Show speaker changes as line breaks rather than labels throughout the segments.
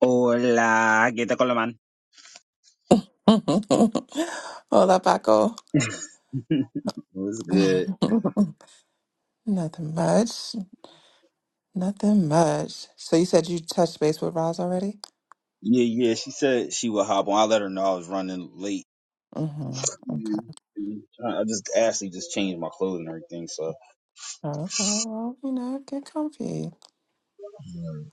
Hola, ¿qué tal con la man?
Hola, Paco.
What's good?
Nothing much. Nothing much. So you said you touched base with Roz already?
Yeah, yeah. She said she would hop on. I let her know I was running late.
Mm-hmm. Okay.
Mhm. I I just actually just changed my clothes and everything. So,
Okay. Well, you know, get comfy.
Alright,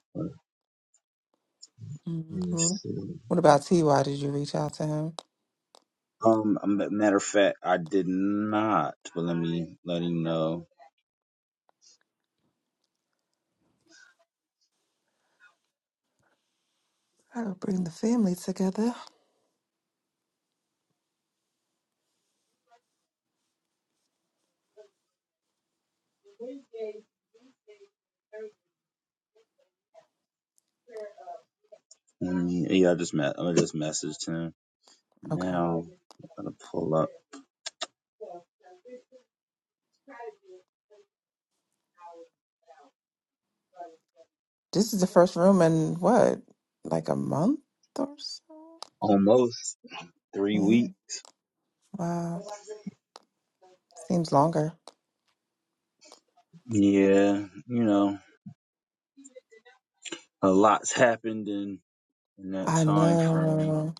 Let me
Mm-hmm.
see.
What about Ty? did you reach out to him?
um, a ma- matter of fact, I did not. But let me let him know.
I'll bring the family together.
Let me, yeah, I just met. I just messaged him.
Okay.
Now I'm gonna pull up.
This is the first room in what, like a month or so?
Almost three
Yeah.
weeks.
Wow. Seems longer.
Yeah, you know, a lot's happened in in that
I
time frame.
know.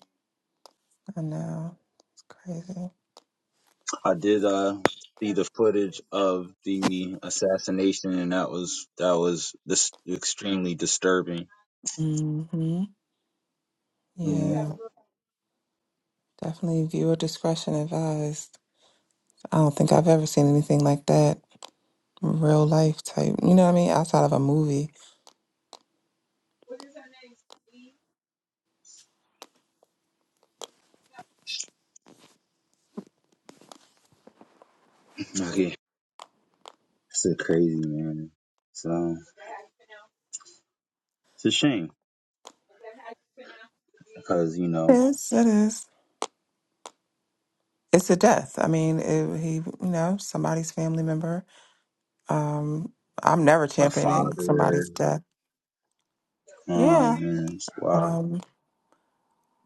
I know. It's crazy.
I did uh see the footage of the assassination, and that was that was this extremely disturbing.
Mm-hmm.
Mm,
Yeah. Definitely viewer discretion advised. I don't think I've ever seen anything like that. Real life type, you know what I mean? Outside of a movie.
Okay, it's a crazy man. So it's a shame because you know
Yes, it is. It's a death. I mean, it, he, you know, somebody's family member. Um, I'm never
a
championing somebody's
father,
death.
oh
Yeah.
man, it's wild.
Um,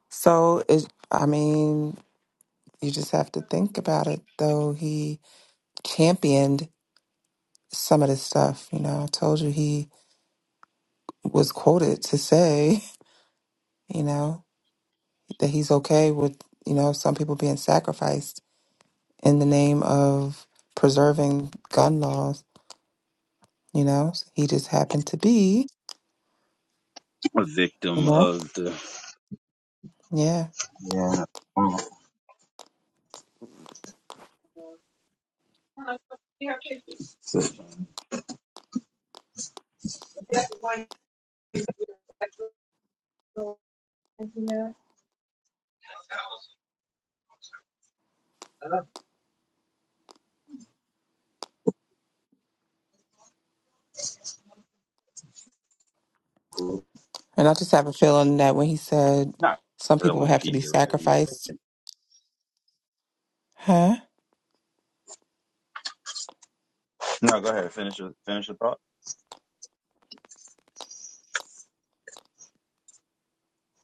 so it, I mean, you just have to think about it. Though he championed some of this stuff, you know. I told you he was quoted to say, you know. that he's okay with, you know, some people being sacrificed in the name of preserving gun laws, you know? He just happened to be,
a
you
victim
know?
of the
Yeah.
yeah. um,
And I just have a feeling that when he said
Not
some people
grilling
have to be
Peter, but yeah.
sacrificed, huh?
No, go ahead. Finish your finish your thought.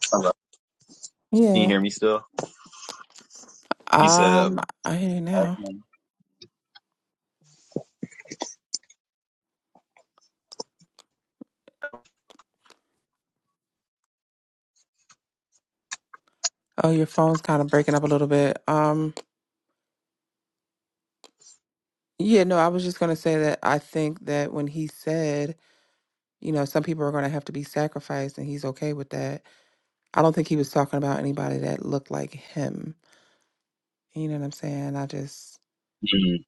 Hello. Can you
Yeah.
hear me still? You said. a
Um, I hear you
black
now.
man.
Oh, your phone's kind of breaking up a little bit. Um, yeah, no, I was just gonna say that I think that when he said, you know, some people are gonna have to be sacrificed, and he's okay with that I don't think he was talking about anybody that looked like him. You know what I'm saying? I just
Mhm.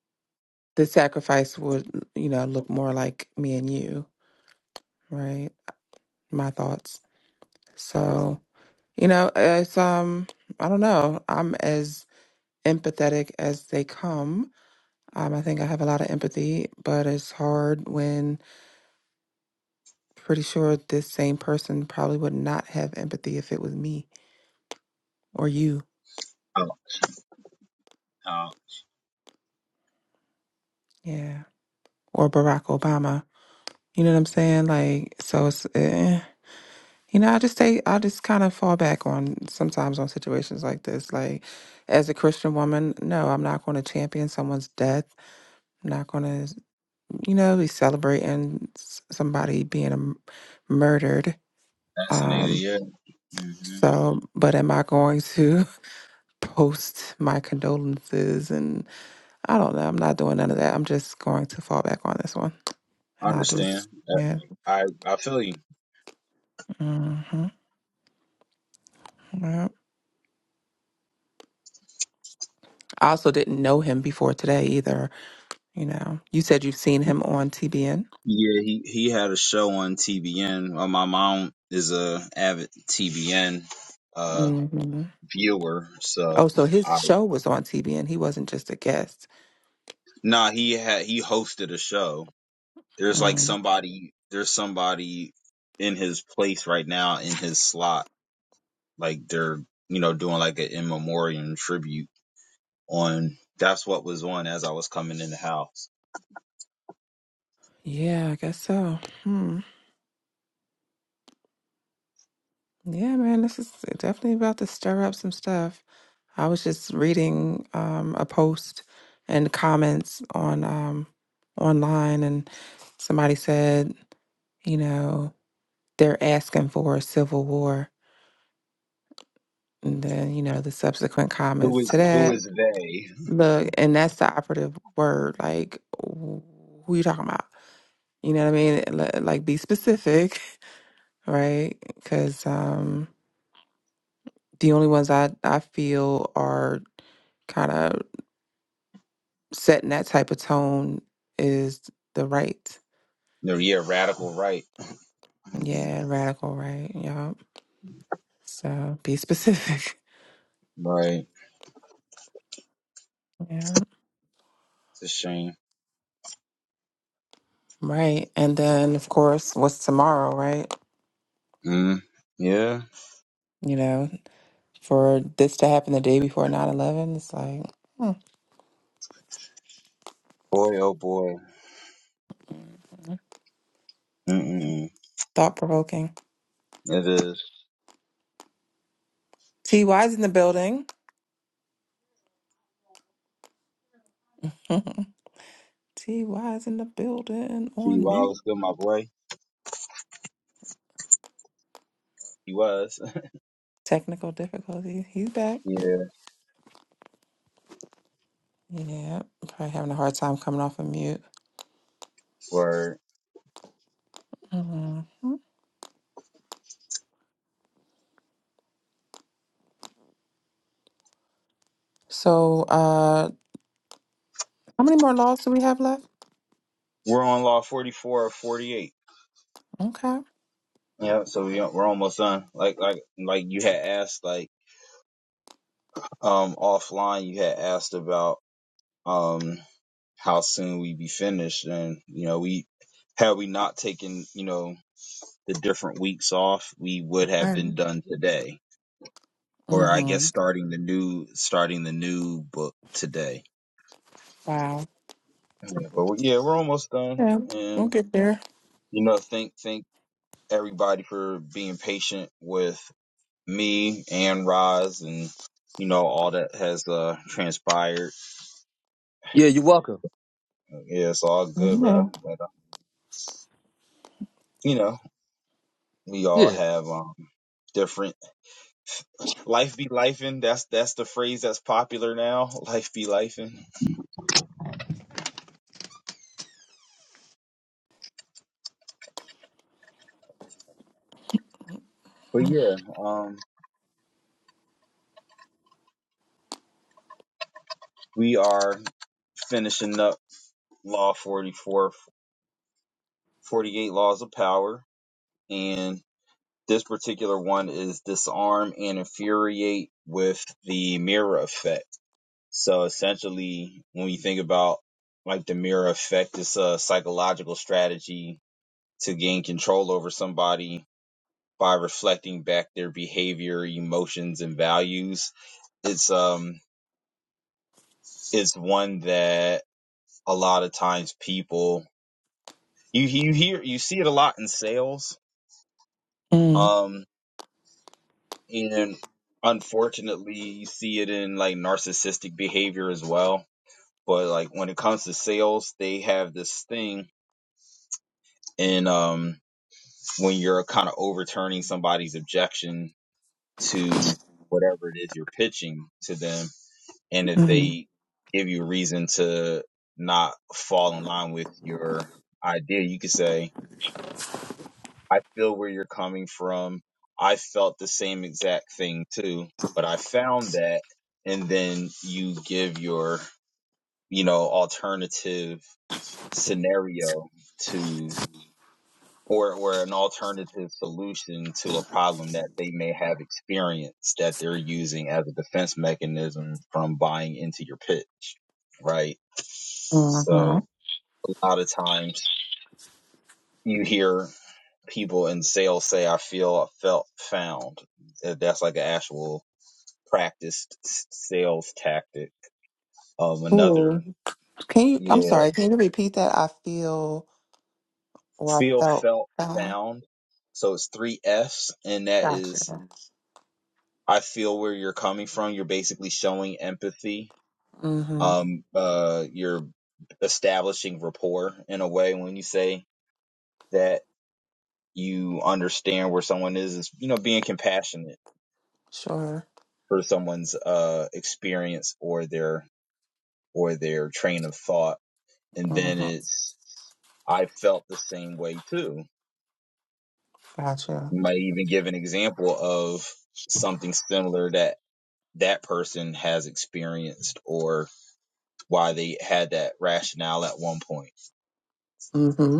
the sacrifice would, you know, look more like me and you, right? My thoughts. So, you know, it's um I don't know. I'm as empathetic as they come. Um I think I have a lot of empathy, but it's hard when pretty sure this same person probably would not have empathy if it was me or you.
Oh, oh.
Yeah. Or Barack Obama. You know what I'm saying? Like so it's eh. You know, I just say I just kind of fall back on sometimes on situations like this. Like, as a Christian woman, no, I'm not going to champion someone's death. I'm not going to, you know, be celebrating s- somebody being um, murdered.
Fascinated,
Um,
yeah. hmm
so, but am I going to post my condolences? And I don't know. I'm not doing none of that. I'm just going to fall back on this one,
I
and I'll
understand.
just, yeah.
I I I feel you.
hmm yeah. I also didn't know him before today either. You know, you said you've seen him on TBN.
Yeah, he he had a show on TBN. Well, my mom is a avid TBN uh
hmm
viewer,
Oh,
so
so
I
his show was on TBN. He wasn't just a guest.
nah he had he hosted a show. There's like
Mm.
somebody there's somebody in his place right now in his slot. Like they're you know doing like an in memoriam tribute on. That's what was on as I was coming in the house.
Yeah, I guess so. Hmm. Yeah, man, this is definitely about to stir up some stuff. I was just reading um, a post and comments on um, online, and somebody said, you know, they're asking for a civil war, and then you know the subsequent
Who
comments to
is who
that.
is they?
Look, and that's the operative word. Like, wh- who you talking about? You know what I mean? Li- Like, be specific, right? Because um, the only ones I I feel are kind of setting that type of tone is the right.
No, yeah, radical right. hmm
Yeah, radical, right? Yeah. So be specific.
Right.
Yeah.
It's a shame.
Right. And then, of course, what's tomorrow, right?
Mm. Yeah.
You know, for this to happen the day before 9 11, it's like hmm,
Boy, oh boy. Mm-mm.
thought provoking.
It is.
TY's in the building. TY's in the building
He
on mute.
was still my boy. He was.
Technical difficulty. He's back.
Yeah.
Yeah, probably having a hard time coming off of mute.
Word.
hmm So, uh, how many more laws do we have left?
We're on law 44 or 48.
Okay.
Yeah. So we, we're almost done. Like, like, like you had asked, like, um, offline, you had asked about, um, how soon we be finished. And, you know, we, had we not taken, you know, the different weeks off, we would have been
One.
done today or I guess
Mm-hmm.
starting the new starting the new book today.
Wow.
Yeah, but we- yeah, we're almost done,
Yeah, we'll
and
get there.
you know, thank thank everybody for being patient with me and Roz, and you know all that has uh transpired.
Yeah, you're welcome.
Yeah, it's all good,
Yeah.
bro. But uh, you know, we all
Yeah.
have um different life be lifing. That's that's the phrase that's popular now. Life be lifing. But yeah, um, we are finishing up Law 44 48 laws of power, and this particular one is disarm and infuriate with the mirror effect. So essentially, when you think about like the mirror effect, it's a psychological strategy to gain control over somebody by reflecting back their behavior, emotions, and values. It's um, it's one that a lot of times people you you hear you see it a lot in sales.
Mm-hmm.
Um, and unfortunately you see it in like narcissistic behavior as well but like when it comes to sales they have this thing and um when you're kind of overturning somebody's objection to whatever it is you're pitching to them and if they give you a reason to not fall in line with your idea you could say I feel where you're coming from. I felt the same exact thing too, but I found that. And then you give your, you know, alternative scenario to, or, or an alternative solution to a problem that they may have experienced that they're using as a defense mechanism from buying into your pitch. Right.
Mm-hmm.
So a lot of times you hear people in sales say I feel I felt found. Uh, That's like an actual practiced sales tactic. Um, another,
Cool. Can you? I'm
yeah,
sorry. Can you repeat that? I feel or
feel
I felt.
felt
Uh,
found. So it's three F's and that
gotcha.
is I feel where you're coming from. You're basically showing empathy.
Mm-hmm.
Um, uh, you're establishing rapport in a way when you say that you understand where someone is, is, you know, being compassionate
Sure.
for someone's, uh, experience or their or their train of thought. And then
Mm-hmm.
it's, I felt the same way too.
Gotcha.
You might even give an example of something similar that that person has experienced or why they had that rationale at one point.
Mm-hmm.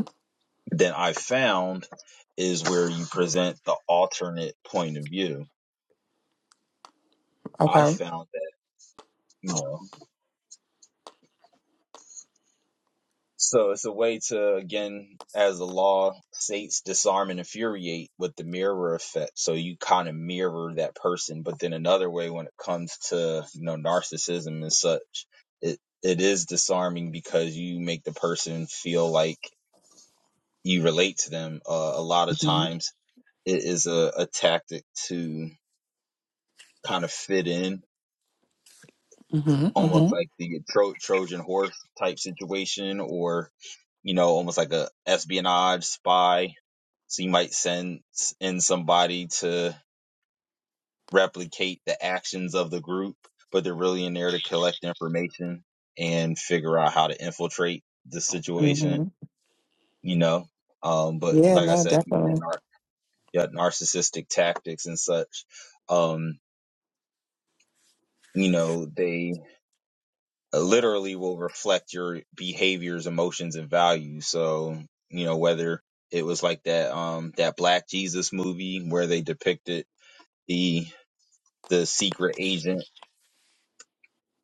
Then I found is where you present the alternate point of view. I
Okay.
found that, you know, So it's a way to, again, as the law states, disarm and infuriate with the mirror effect. So you kind of mirror that person. But then another way, when it comes to you know narcissism and such, it it is disarming because you make the person feel like you relate to them. Uh, a lot of
Mm-hmm.
times, it is a, a tactic to kind of fit in,
Mm-hmm.
almost
Mm-hmm.
like the Tro- Trojan horse type situation, or you know, almost like a espionage spy So you might send in somebody to replicate the actions of the group, but they're really in there to collect information and figure out how to infiltrate the situation,
Mm-hmm.
you know. Um, but
Yeah,
like I
no,
said, even in
definitely.
our yeah, narcissistic tactics and such, um, you know, they literally will reflect your behaviors, emotions, and values. So, you know, whether it was like that um that black jesus movie where they depicted the the secret agent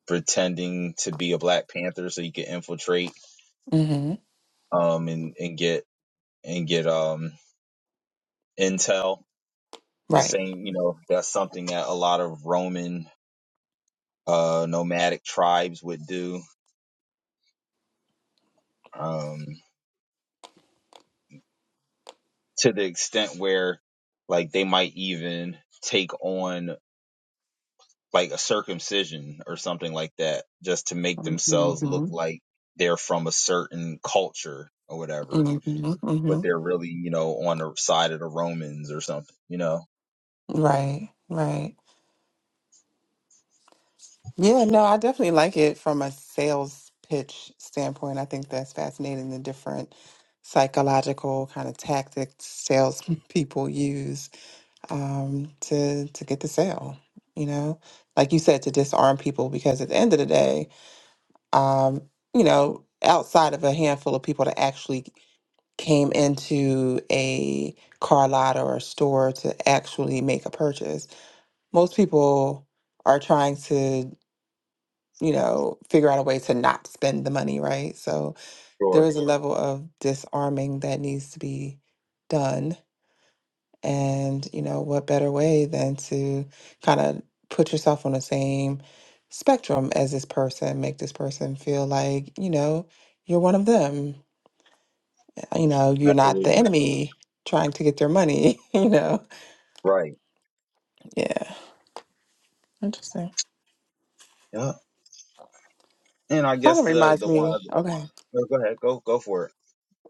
pretending to be a Black Panther so you could infiltrate
Mm-hmm.
um and, and get and get um intel. The
Right.
same, you know, that's something that a lot of Roman uh nomadic tribes would do. Um to the extent where like they might even take on like a circumcision or something like that just to make
Mm-hmm.
themselves look like they're from a certain culture or whatever
Mm-hmm.
but
Mm-hmm.
they're really, you know, on the side of the Romans or something, you know.
Right. Right. Yeah, no, I definitely like it from a sales pitch standpoint. I think that's fascinating the different psychological kind of tactics sales people use um, to to get the sale, you know? Like you said, to disarm people because at the end of the day, um, you know, outside of a handful of people that actually came into a car lot or a store to actually make a purchase, most people are trying to, you know, figure out a way to not spend the money, right? So there
Sure.
is a level of disarming that needs to be done and, you know, what better way than to kind of put yourself on the same spectrum as this person, make this person feel like, you know, you're one of them. You know, you're not the
Absolutely.
enemy trying to get their money, you know?
Right.
Yeah, interesting.
Yeah. And I
Kind
guess
of
the
reminds
the
me,
one
okay.
oh, go ahead, go go for it.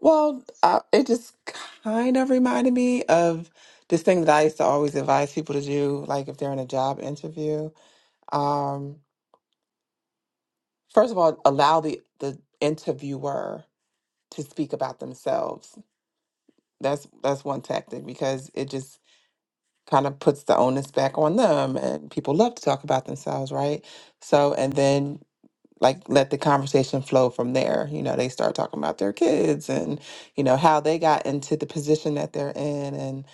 Well, I, it just kind of reminded me of this thing that I used to always advise people to do, like if they're in a job interview. Um, first of all, allow the, the interviewer to speak about themselves. That's that's one tactic because it just kind of puts the onus back on them and people love to talk about themselves, right? So and then like let the conversation flow from there. You know, they start talking about their kids and you know how they got into the position that they're in and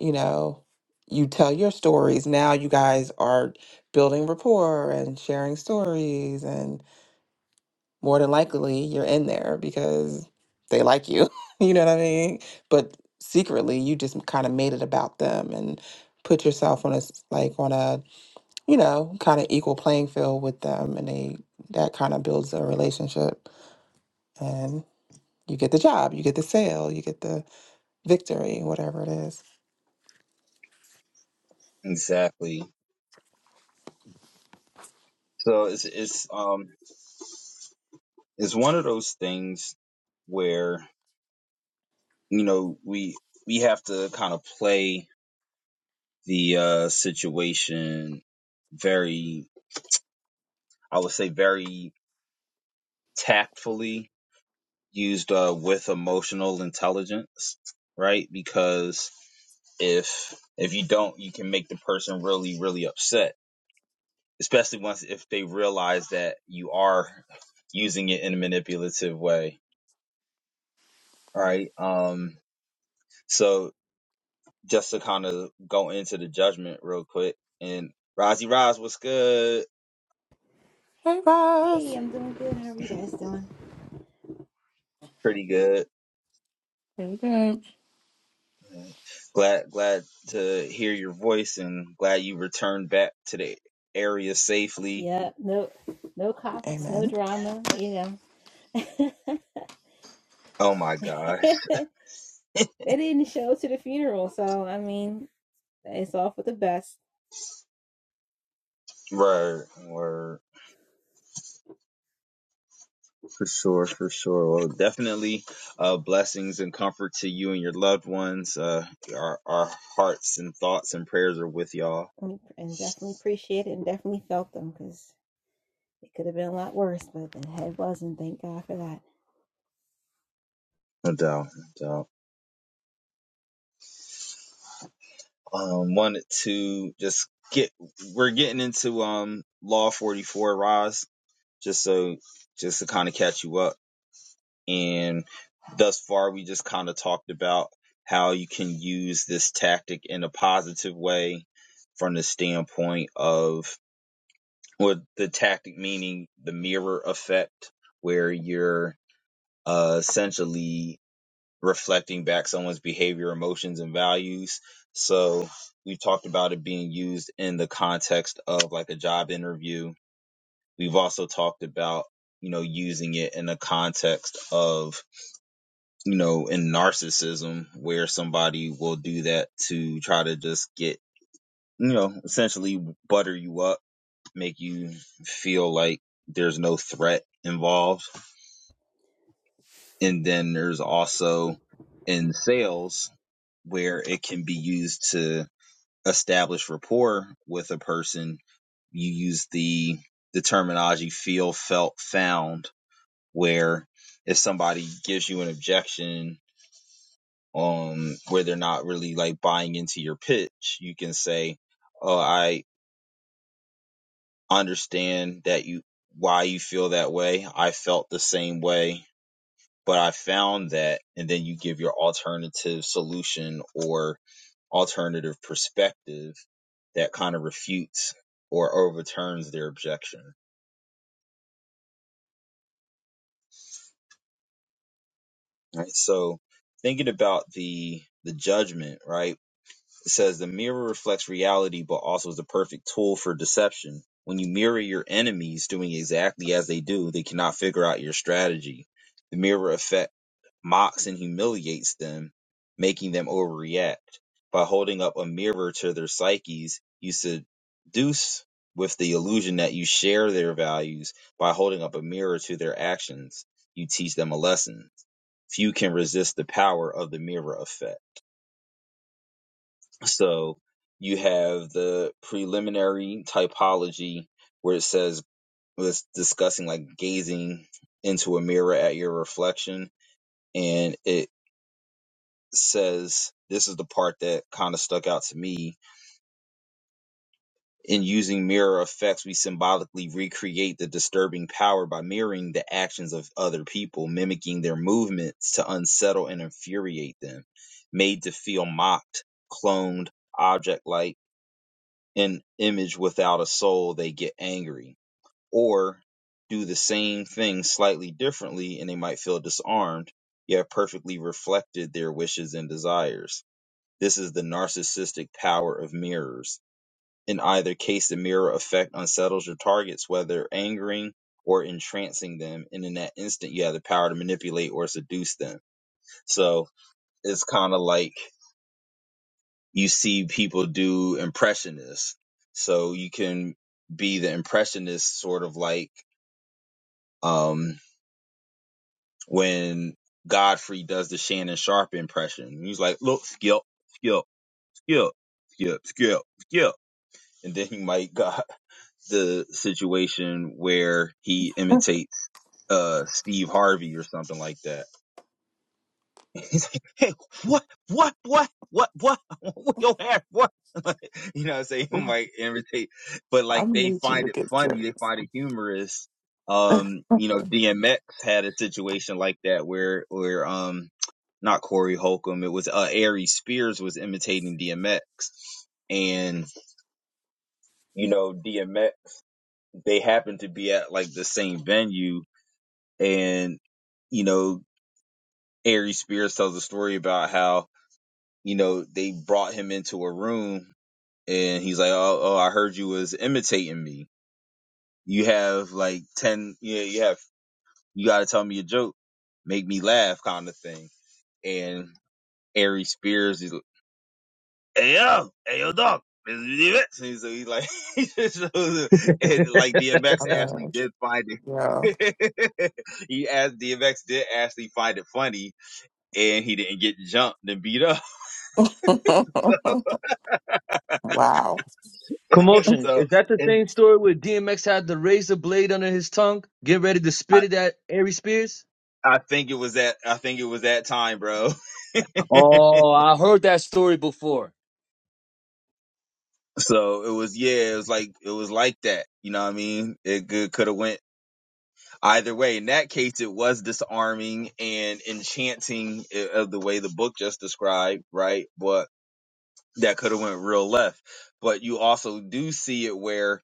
you know you tell your stories. Now you guys are building rapport and sharing stories and. more than likely you're in there because they like you. you know what I mean? But secretly, you just kind of made it about them and put yourself on a s- like on a you know kind of equal playing field with them, and they that kind of builds a relationship, and you get the job, you get the sale, you get the victory, whatever it is.
Exactly. So it's it's um it's one of those things where, you know, we we have to kind of play the uh situation very I would say very tactfully used uh, with emotional intelligence, right? Because if if you don't, you can make the person really really upset, especially once if they realize that you are using it in a manipulative way, right? Um, so just to kind of go into the judgment real quick, and Rozzy Roz, what's good?
Hey, Ross.
Hey, I'm doing good. How are you guys doing?
Pretty good.
Hey, babe.
Glad glad to hear your voice and glad you returned back to the area safely.
Yeah, no, no cops, no
Amen.
drama. You know,
Oh my God.
they didn't show to the funeral, so I mean, it's all for the best.
Right, word. For sure, for sure. Well, definitely uh, blessings and comfort to you and your loved ones. Uh, our, our hearts and thoughts and prayers are with y'all.
And and definitely appreciate it, and definitely felt them because it could have been a lot worse, but it wasn't. Thank God for that.
No doubt, no doubt. Um, wanted to just get, we're getting into um, Law 44, Roz, just so, just to kind of catch you up. And thus far, we just kind of talked about how you can use this tactic in a positive way from the standpoint of with the tactic meaning the mirror effect where you're uh, essentially reflecting back someone's behavior emotions and values so we talked about it being used in the context of like a job interview we've also talked about you know using it in the context of you know in narcissism where somebody will do that to try to just get you know essentially butter you up make you feel like there's no threat involved. And then there's also in sales where it can be used to establish rapport with a person. You use the the terminology feel, felt, found, where if somebody gives you an objection um where they're not really like buying into your pitch, you can say, Oh, I understand that you why you feel that way. I felt the same way But I found that, and then you give your alternative solution or alternative perspective that kind of refutes or overturns their objection. Right. So thinking about the the judgment, right? It says the mirror reflects reality but also is the perfect tool for deception. When you mirror your enemies doing exactly as they do, they cannot figure out your strategy. The mirror effect mocks and humiliates them, making them overreact. By holding up a mirror to their psyches, you seduce with the illusion that you share their values. By holding up a mirror to their actions, you teach them a lesson. Few can resist the power of the mirror effect. So you have the preliminary typology where it says, was discussing like gazing into a mirror at your reflection. And it says this is the part that kind of stuck out to me. In using mirror effects, we symbolically recreate the disturbing power by mirroring the actions of other people, mimicking their movements to unsettle and infuriate them, made to feel mocked, cloned, object like, an image without a soul, they get angry. Or do the same thing slightly differently and they might feel disarmed, yet perfectly reflected their wishes and desires This is the narcissistic power of mirrors. In either case, the mirror effect unsettles your targets, whether angering or entrancing them. And in that instant, you have the power to manipulate or seduce them. So it's kind of like you see people do impressionists. So you can be the impressionist, sort of like um, when Godfrey does the Shannon Sharp impression. He's like, look, skip, skip, skip, skip, skip, skip. And then he might go. the situation where he imitates uh Steve Harvey or something like that. He's like, hey, what, what, what, what, what, what your hair, what? you know what I'm saying? He
Ooh,
might imitate, but
I
like they
knew you
find
would
it
get
funny, they
serious.
find it humorous. Um, you know, DMX had a situation like that where, where, um, not Corey Holcomb, it was, uh, Ari Spears was imitating DMX. And, you know, DMX, they happened to be at like the same venue and you know Ari Spears tells a story about how you know they brought him into a room and he's like, oh, oh, I heard you was imitating me. You have like ten, yeah, you have you got to tell me a joke, make me laugh, kind of thing. And Ari Spears is, like, hey yo, hey yo, dog. this is DMX." And so he's like, and like
I
DMX actually
love
did find
you.
it. he asked DMX did actually find it funny and he didn't get jumped and beat up.
Wow.
Commotion.
so,
Is that the
and
same story where DMX had the razor blade under his tongue, get ready to
I,
spit it at Aries Spears?
I think it was that, I think it was that time, bro.
Oh, I heard that story before.
so it was, yeah, it was like, it was like that. You know what I mean? It could have went either way. In that case, it was disarming and enchanting eh, of the way the book just described, right? But that could have went real left. But you also do see it where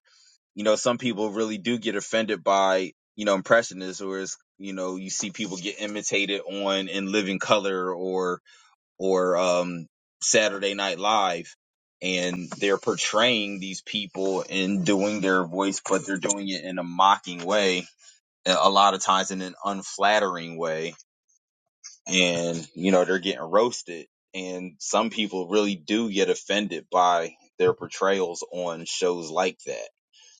you know, some people really do get offended by, you know, impressionists or it's, you know, you see people get imitated on in Living Color or, or, um, Saturday Night Live and they're portraying these people and doing their voice, but they're doing it in a mocking way. A a lot of times in an unflattering way and, you know, they're getting roasted and some people really do get offended by their portrayals on shows like that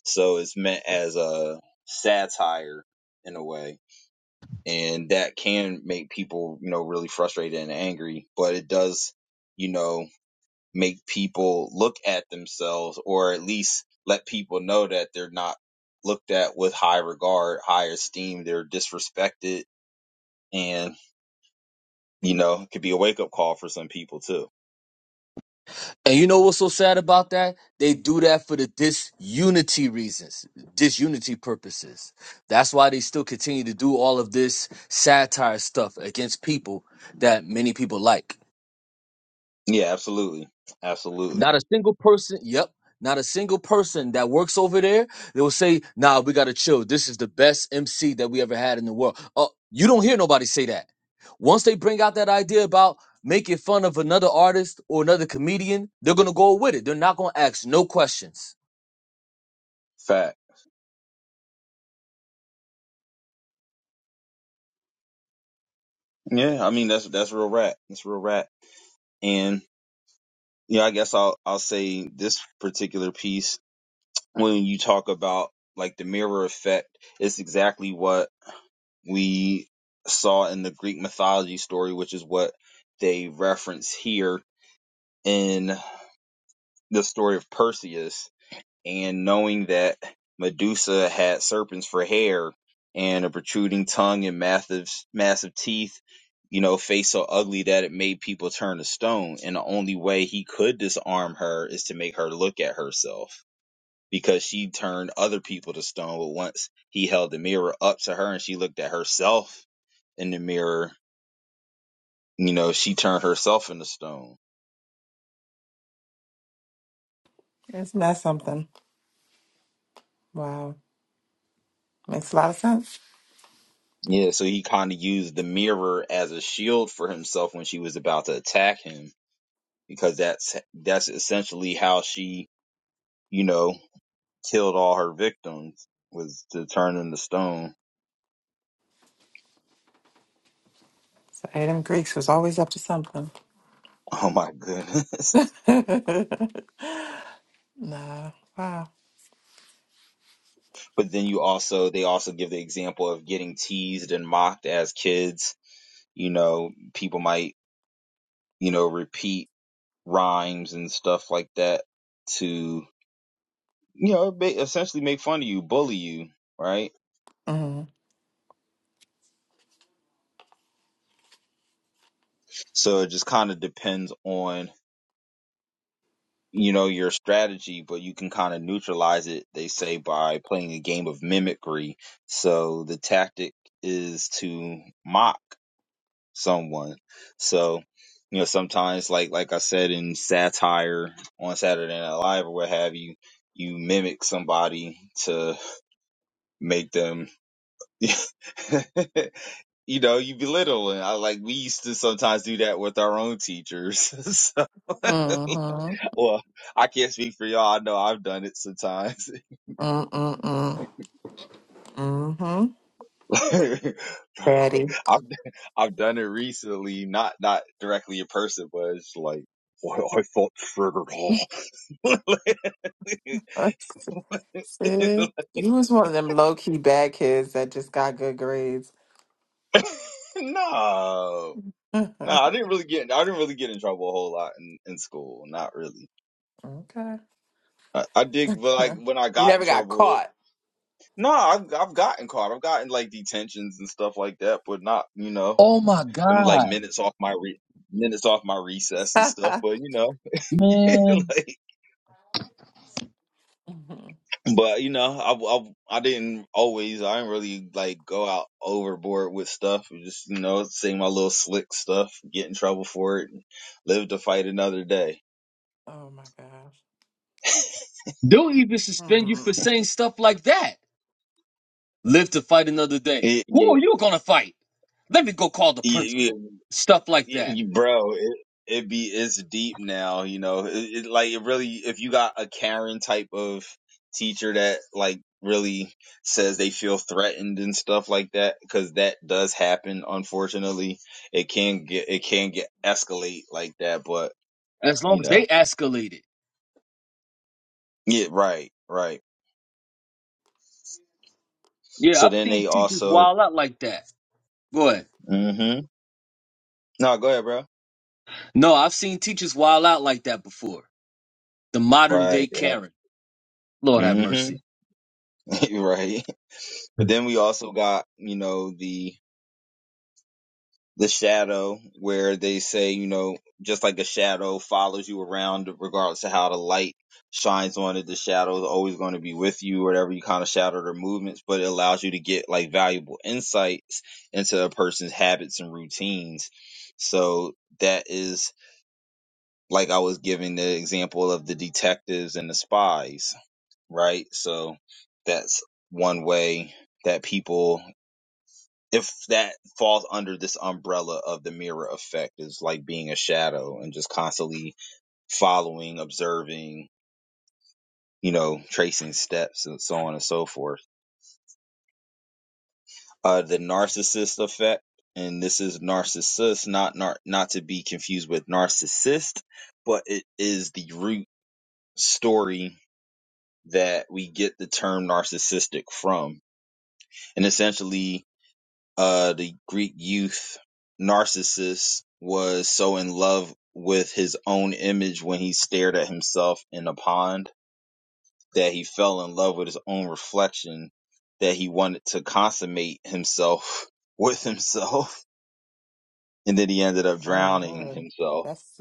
so it's meant as a satire in a way. And that can make people, you know, really frustrated and angry, but it does, you know, make people look at themselves or at least let people know that they're not looked at with high regard, high esteem. They're disrespected and, you know, it could be a wake up call for some people too.
And you know what's so sad about that? They do that for the disunity reasons, disunity purposes. That's why they still continue to do all of this satire stuff against people that many people like.
Yeah, absolutely. Absolutely.
Not a single person. Yep. Not a single person that works over there. They will say, "Nah, we gotta chill. This is the best MC that we ever had in the world." Oh, you don't hear nobody say that. Once they bring out that idea about making fun of another artist or another comedian, they're gonna go with it. They're not gonna ask no questions.
Fact. Yeah, I mean, that's, that's real rap. That's real rap, and. you know, I guess I'll I'll say this particular piece when you talk about like the mirror effect, it's exactly what we saw in the Greek mythology story, which is what they reference here in the story of Perseus and knowing that Medusa had serpents for hair and a protruding tongue and massive massive teeth, you know, face so ugly that it made people turn to stone. And the only way he could disarm her is to make her look at herself because she turned other people to stone. But once he held the mirror up to her and she looked at herself in the mirror, you know, she turned herself into stone.
It's not something. Wow. Makes a lot of sense.
Yeah, so he kind of used the mirror as a shield for himself when she was about to attack him because that's that's essentially how she, you know, killed all her victims was to turn them to stone.
So Adam Greeks was always up to something.
Oh my goodness.
nah. Wow.
But then you also they also give the example of getting teased and mocked as kids. You know, people might, you know, repeat rhymes and stuff like that to, you know, ba- essentially make fun of you, bully you, right?
Mm.
So it just kind of depends on you know your strategy but you can kind of neutralize it they say by playing a game of mimicry so the tactic is to mock someone so you know sometimes like like i said in satire on saturday night live or what have you you mimic somebody to make them you know you belittle and i like we used to sometimes do that with our own teachers so
Mm-hmm.
well, I can't speak for y'all. I know I've done it sometimes.
Mm-mm-mm. Mm-hmm.
Like,
Daddy.
I've I've done it recently, not not directly in person, but it's like, boy, I felt triggered.
See? You was one of them low key bad kids that just got good grades.
no, no,
okay.
I didn't really get I didn't really get in trouble a whole lot in, in school. Not really. I, I did, but like when I
You
got in
never got
trouble,
caught.
no, I've I've gotten caught. I've gotten like detentions and stuff like that, but not you know.
Oh my
i like
god,
minutes off my re- minutes off my recess and stuff. But you know,
man!
like,
Mhm.
but you know, I, I I didn't always I didn't really like go out overboard with stuff. It Just you know, say my little slick stuff, get in trouble for it, and live to fight another day.
Oh my gosh.
They'll even suspend you for
Hmm.
saying stuff like that. Live to fight another day.
Yeah,
Who
yeah,
are you gonna fight? Let me go call the
yeah.
principal.
yeah.
Stuff like that.
Y- bro it, it be it's deep now you know it, it like it really if you got a karen type of teacher that like really says they feel threatened and stuff like that because that does happen unfortunately it can get it can get escalate like that but
as long
you
as
know
they escalated.
yeah right right
Yeah,
so
I've
then
seen
they
teachers
also
wild out like that. Go ahead.
mm-hmm no go ahead bro
No, I've seen teachers wild out like that before. The modern day
right right.
Karen. Lord have
mm-hmm
mercy.
right but then we also got you know the the shadow where they say you know just like a shadow follows you around regardless of how the light shines on it the shadow is always going to be with you whatever you kind of shadow their movements but it allows you to get like valuable insights into a person's habits and routines so that is like i was giving the example of the detectives and the spies right so that's one way that people if that falls under this umbrella of the mirror effect is like being a shadow and just constantly following observing you know tracing steps and so on and so forth uh the narcissist effect and this is narcissist not nar- not to be confused with narcissist but it is the root story that we get the term narcissistic from and essentially uh, the Greek youth Narcissus was so in love with his own image when he stared at himself in a pond that he fell in love with his own reflection that he wanted to consummate himself with himself. And then he ended up
Oh
drowning
Lord.
himself,
That's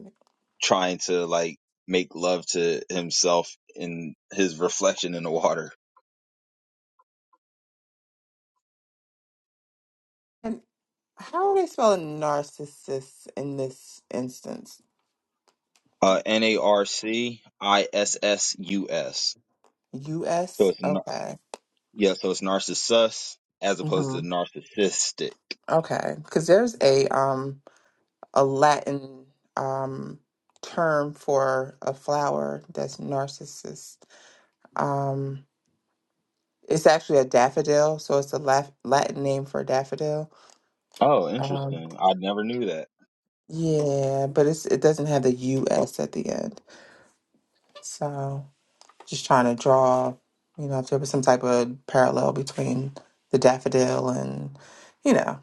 trying to like make love to himself in his reflection in the water.
and how are they spelling narcissists in this instance?
Uh, N A R C I S S U S. So
U.S.
it's Narcissus.
Okay.
Yeah, so it's narcissus as opposed
hmm
to narcissistic.
Okay, because there's a um a Latin um term for a flower that's narcissus. Um, it's actually a daffodil, so it's a laf Latin name for daffodil.
Oh,
Um,
interesting. I never knew that.
yeah, but it's it doesn't have the U.S. at the end. So just trying to draw, you know, if there was some type of parallel between the daffodil and, you know,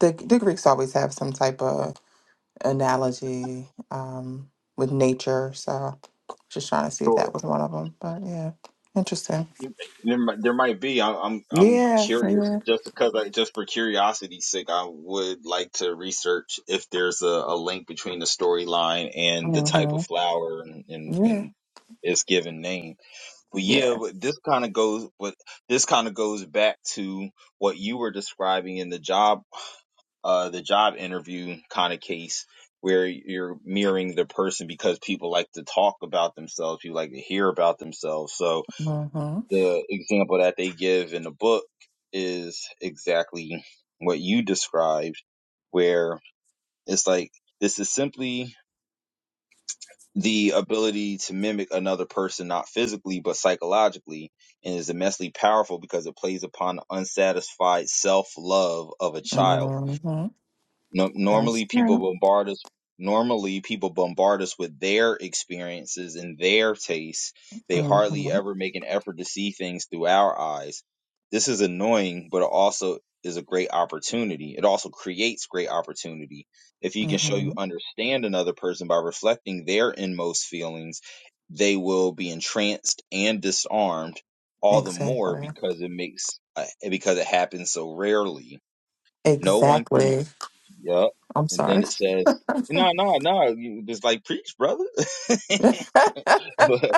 the the Greeks always have some type of analogy um, with nature. So just trying to see if that
Sure.
was one of them. But yeah, interesting.
You- There, mi- there might be. I'm, I'm, I'm
Yeah,
curious.
yeah,
Just because, I, just for curiosity's sake, I would like to research if there's a, a link between the storyline and the type of
hmm
flower and, and,
yeah,
and its given name. But
yeah.
yeah, but this kind of goes. But this kind of goes back to what you were describing in the job uh, the job interview kind of case where you're mirroring the person because people like to talk about themselves, people like to hear about themselves. So
hmm
the example that they give in the book is exactly what you described, where it's like this is simply the ability to mimic another person, not physically, but psychologically, and is immensely powerful because it plays upon the unsatisfied self love of a child
hmm
No,
That's
normally people
true.
bombard us. Normally people bombard us with their experiences and their tastes. They
hmm
hardly ever make an effort to see things through our eyes. This is annoying, but it also is a great opportunity. It also creates great opportunity. If you can show
hmm
you understand another person by reflecting their inmost feelings, they will be entranced and disarmed all the more
Exactly.
because it makes uh, because it happens so rarely. No one can.
Exactly.
Yup.
I'm
And then
sorry.
it says, no, no, no, you just like preach, brother. but,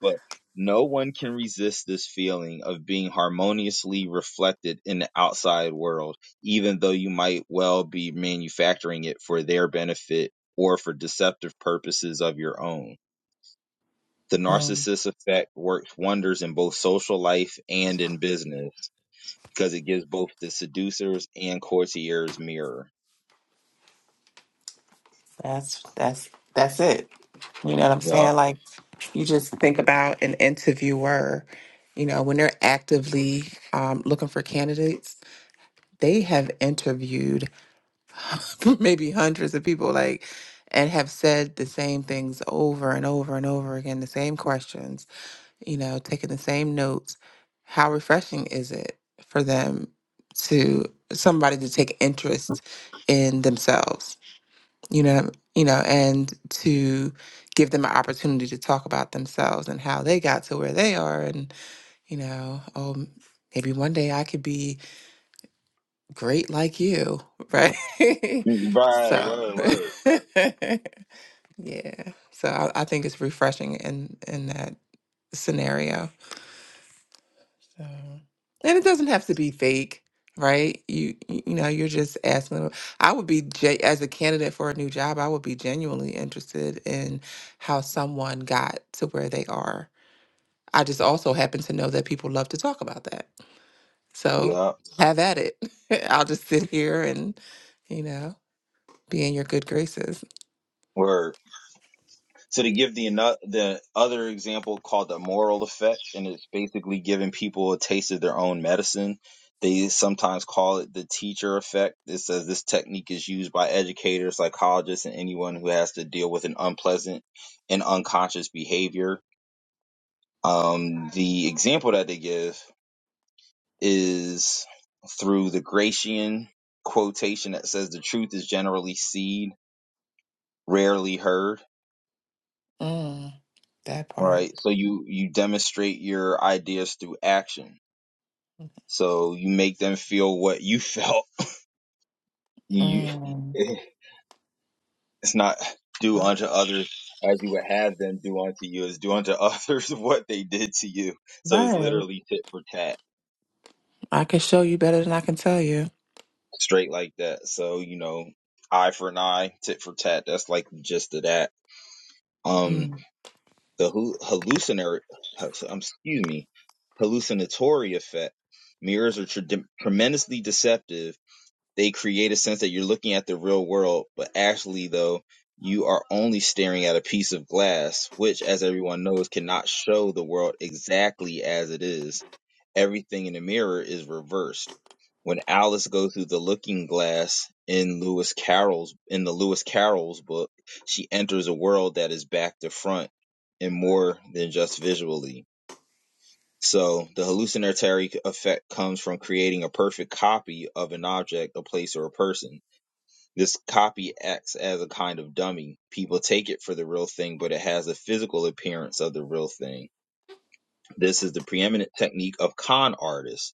but no one can resist this feeling of being harmoniously reflected in the outside world, even though you might well be manufacturing it for their benefit or for deceptive purposes of your own. The
um,
narcissist effect works wonders in both social life and in business because it gives both the seducers and courtiers mirror.
that's that's that's it. You know what I'm
Yup.
saying? Like you just think about an interviewer. You know when they're actively um, looking for candidates they have interviewed maybe hundreds of people like and have said the same things over and over and over again the same questions you know taking the same notes how refreshing is it for them to somebody to take interest in themselves you know you know and to give them an opportunity to talk about themselves and how they got to where they are and you know oh maybe one day i could be great like you, right? so,
Right, word, word.
yeah. So I, I think it's refreshing in in that scenario. So, and it doesn't have to be fake, right? You you you know, you're just asking. them- I would be ge- as a candidate for a new job, I would be genuinely interested in how someone got to where they are. I just also happen to know that people love to talk about that. So,
Yup.
have at it. I'll just sit here and, you know. be in your good graces.
Where So to give the ano- the other example called the moral effect, and it's basically giving people a taste of their own medicine. They sometimes call it the teacher effect. It says this technique is used by educators, psychologists, and anyone who has to deal with an unpleasant and unconscious behavior. Um, the example that they give is through the Gracian quotation that says the truth is generally seen, rarely heard
Mm, that part.
right? So you you demonstrate your ideas through action. So you make them feel what you felt. You
Mm.
it's not do
Yep.
unto others as you would have them do unto you. It's do unto others what they did to you. So it's
Right.
literally tit for tat,
I can show you better than I can tell you.
straight like that. So you know, eye for an eye, tit for tat. That's like the gist of that. Um,
Mm.
the hu- hallucinatory, um, excuse me, hallucinatory effect. Mirrors are tre- tremendously deceptive they create a sense that you're looking at the real world, but actually, though, you are only staring at a piece of glass, which, as everyone knows, cannot show the world exactly as it is. Everything in the mirror is reversed. When Alice goes through the looking glass in Lewis Carroll's in the Lewis Carroll's book, she enters a world that is back to front and more than just visually. So the hallucinatory effect comes from creating a perfect copy of an object, a place, or a person this copy acts as a kind of dummy. People take it for the real thing, but it has a physical appearance of the real thing. This is the preeminent technique of con artists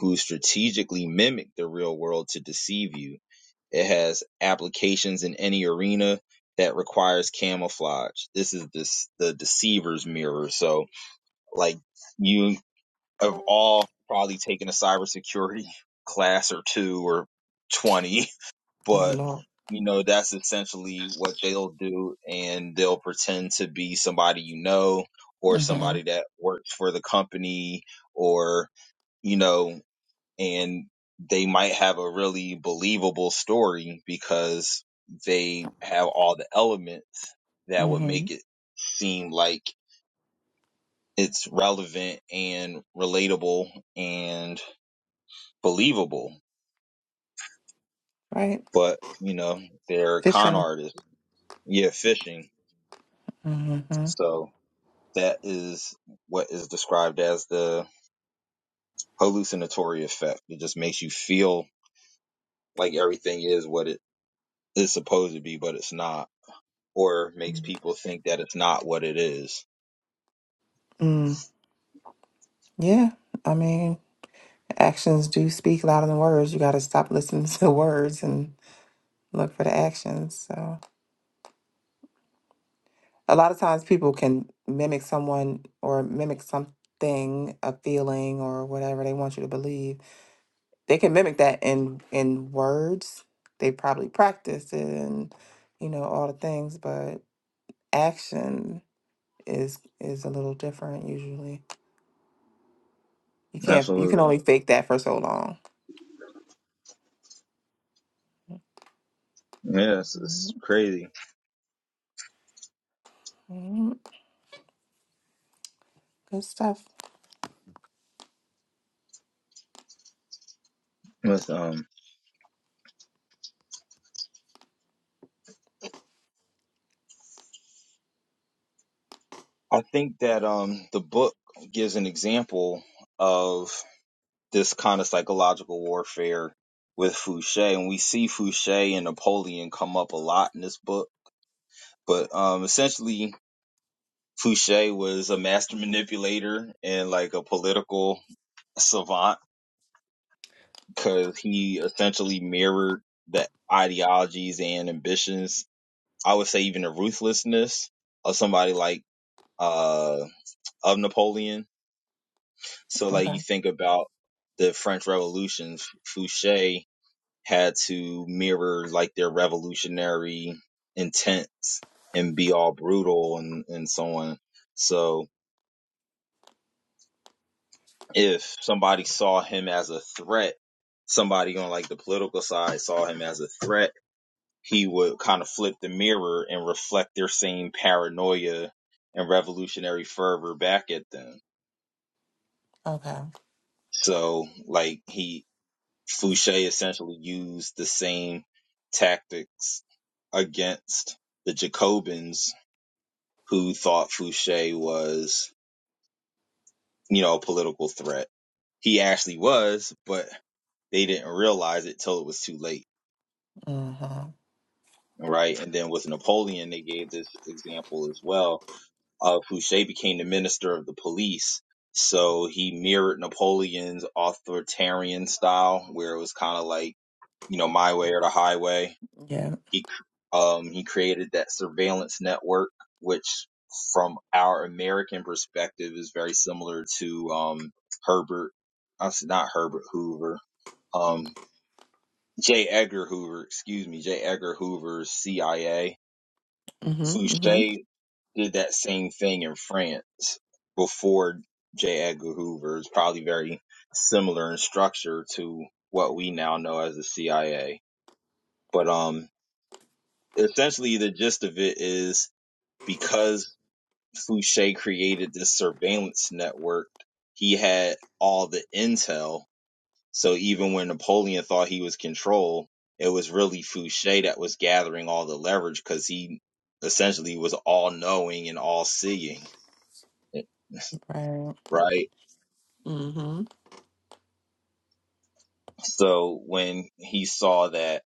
who strategically mimic the real world to deceive you. It has applications in any arena that requires camouflage. This is this, the deceiver's mirror. So like you have all probably taken a cybersecurity class or two or 20 but
Lord.
you know that's essentially what they'll do and they'll pretend to be somebody you know or
Mm-hmm.
somebody that works for the company or you know and they might have a really believable story because they have all the elements that would
Mm-hmm.
make it seem like it's relevant and relatable and believable
Right.
but you know they're con
Fishing.
artists yeah fishing
Mm-hmm.
so That is what is described as the hallucinatory effect. It just makes you feel like everything is what it is supposed to be, but it's not, or makes people think that it's not what it is.
Mm. Yeah. I mean, actions do speak louder than words. You got to stop listening to words and look for the actions. So a lot of times people can mimic someone or mimic something, a feeling or whatever they want you to believe they can mimic that in in words. They probably practice it and you know all the things, but action is is a little different usually. You can't you can
Absolutely.
only fake that for so long.
Yeah, it's, it's crazy.
Mhm. Good stuff.
With, um, I think that um, the book gives an example of this kind of psychological warfare with Fouché, and we see Fouché and Napoleon come up a lot in this book. But um, essentially, Fouché was a master manipulator and like a political savant because he essentially mirrored the ideologies and ambitions. I would say even the ruthlessness of somebody like uh of Napoleon. So like
Okay.
you think about the French Revolution, Fouché had to mirror like their revolutionary intents and be all brutal and and so on. So if somebody saw him as a threat, somebody on like the political side saw him as a threat, he would kind of flip the mirror and reflect their same paranoia and revolutionary fervor back at them.
Okay.
So like he Fouché essentially used the same tactics against the Jacobins who thought Fouché was, you know, a political threat. He actually was, but they didn't realize it till it was too late.
Mm-hmm.
right? And then with Napoleon, they gave this example as well of Fouché became the minister of the police. So he mirrored Napoleon's authoritarian style, where it was kind of like, you know, my way or the highway.
Yeah.
He, um, he created that surveillance network, which from our American perspective is very similar to, um, Herbert, I said not Herbert Hoover, um, J. Edgar Hoover, excuse me, J. Edgar Hoover's CIA
Mm-hmm. Mm-hmm.
Fouché did that same thing in France before J. Edgar Hoover. It's probably very similar in structure to what we now know as the CIA. But um, essentially, the gist of it is because Fouché created this surveillance network, he had all the intel. So even when Napoleon thought he was control, it was really Fouché that was gathering all the leverage because he essentially was all knowing and all seeing
Right.
right?
Mm-hmm.
So when he saw that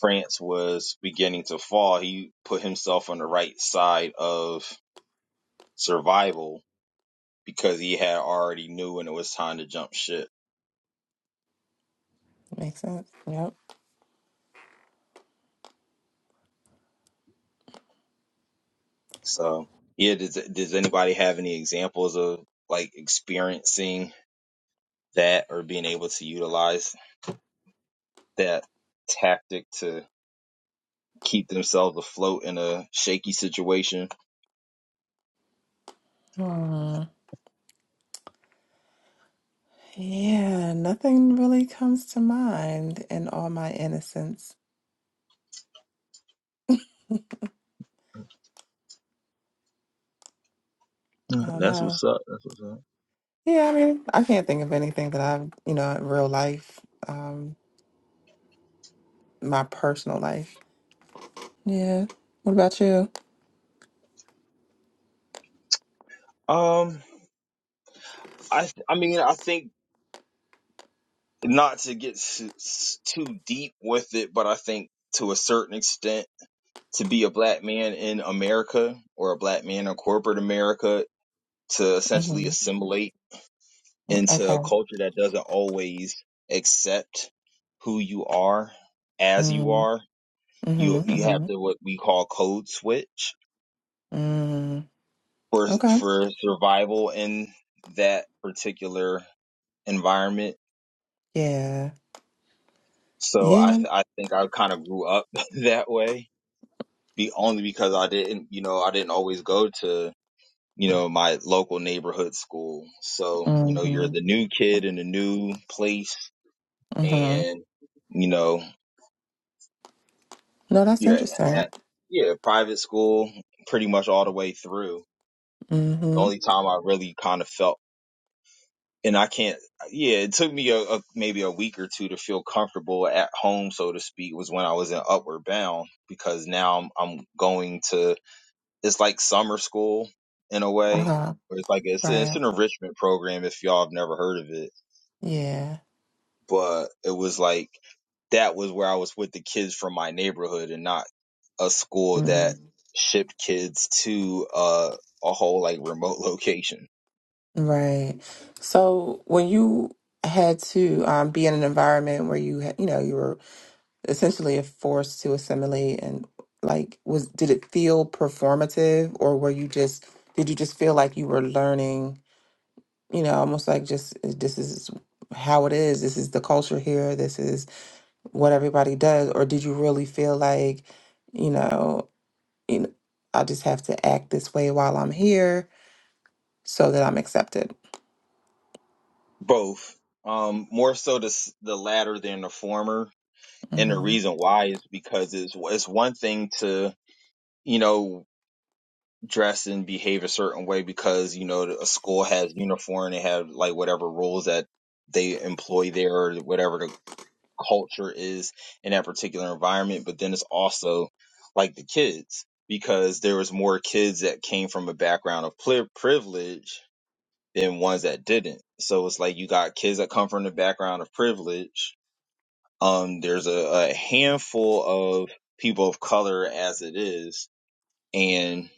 France was beginning to fall, he put himself on the right side of survival because he had already knew when it was time to jump ship.
Makes sense. Yep.
So yeah, does does anybody have any examples of like experiencing that or being able to utilize that tactic to keep themselves afloat in a shaky situation?
Hmm. Yeah, nothing really comes to mind in all my innocence.
Uh,
I don't
That's
know.
what's up. That's what's up.
Yeah, I mean, I can't think of anything that I've, you know, in real life, um, my personal life. Yeah. What about you?
Um, I I mean I think not to get s- s- too deep with it, but I think to a certain extent, to be a black man in America or a black man in corporate America to essentially
hmm
assimilate into
Okay.
a culture that doesn't always accept who you are as you
Mm,
are,
hmm
you you have
hmm
to what we call code switch
mm,
for
okay.
for survival in that particular environment.
Yeah.
So I
Yeah.
I think I kind of grew up that way be only because I didn't, you know, I didn't always go to, you know, my local neighborhood school. So, you
hmm
know, you're the new kid in a new place
hmm
and, you know,
No, that's
you're
interesting.
at, yeah, private school pretty much all the way through.
Mm.
The
hmm
only time I really kind of felt, and I can't, yeah, it took me a, a maybe a week or two to feel comfortable at home, so to speak, was when I was in Upward Bound because now I'm, I'm going to it's like summer school in a way.
Uh-huh.
Where it's like it's it's
Right.
an enrichment program if y'all have never heard of it,
Yeah.
but it was like that was where I was with the kids from my neighborhood and not a school that
hmm
shipped kids to uh, a whole like remote location.
Right. So when you had to um, be in an environment where you had, you know, you were essentially a force to assimilate and like was did it feel performative or were you just did you just feel like you were learning you know almost like just eh, this is how it is this is the culture here this is what everybody does or did you really feel like you know you know i just have to act this way while i'm here so that i'm accepted
Both, um, more so the s- the latter than the former, and the
mm-hmm.
reason why is because it's it's one thing to you know dress and behave a certain way because you know a school has uniform they have like whatever rules that they employ there or whatever the culture is in that particular environment but then it's also like the kids because there was more kids that came from a background of pri- privilege than ones that didn't so it's like you got kids that come from the background of privilege um there's a, a handful of people of color as it is and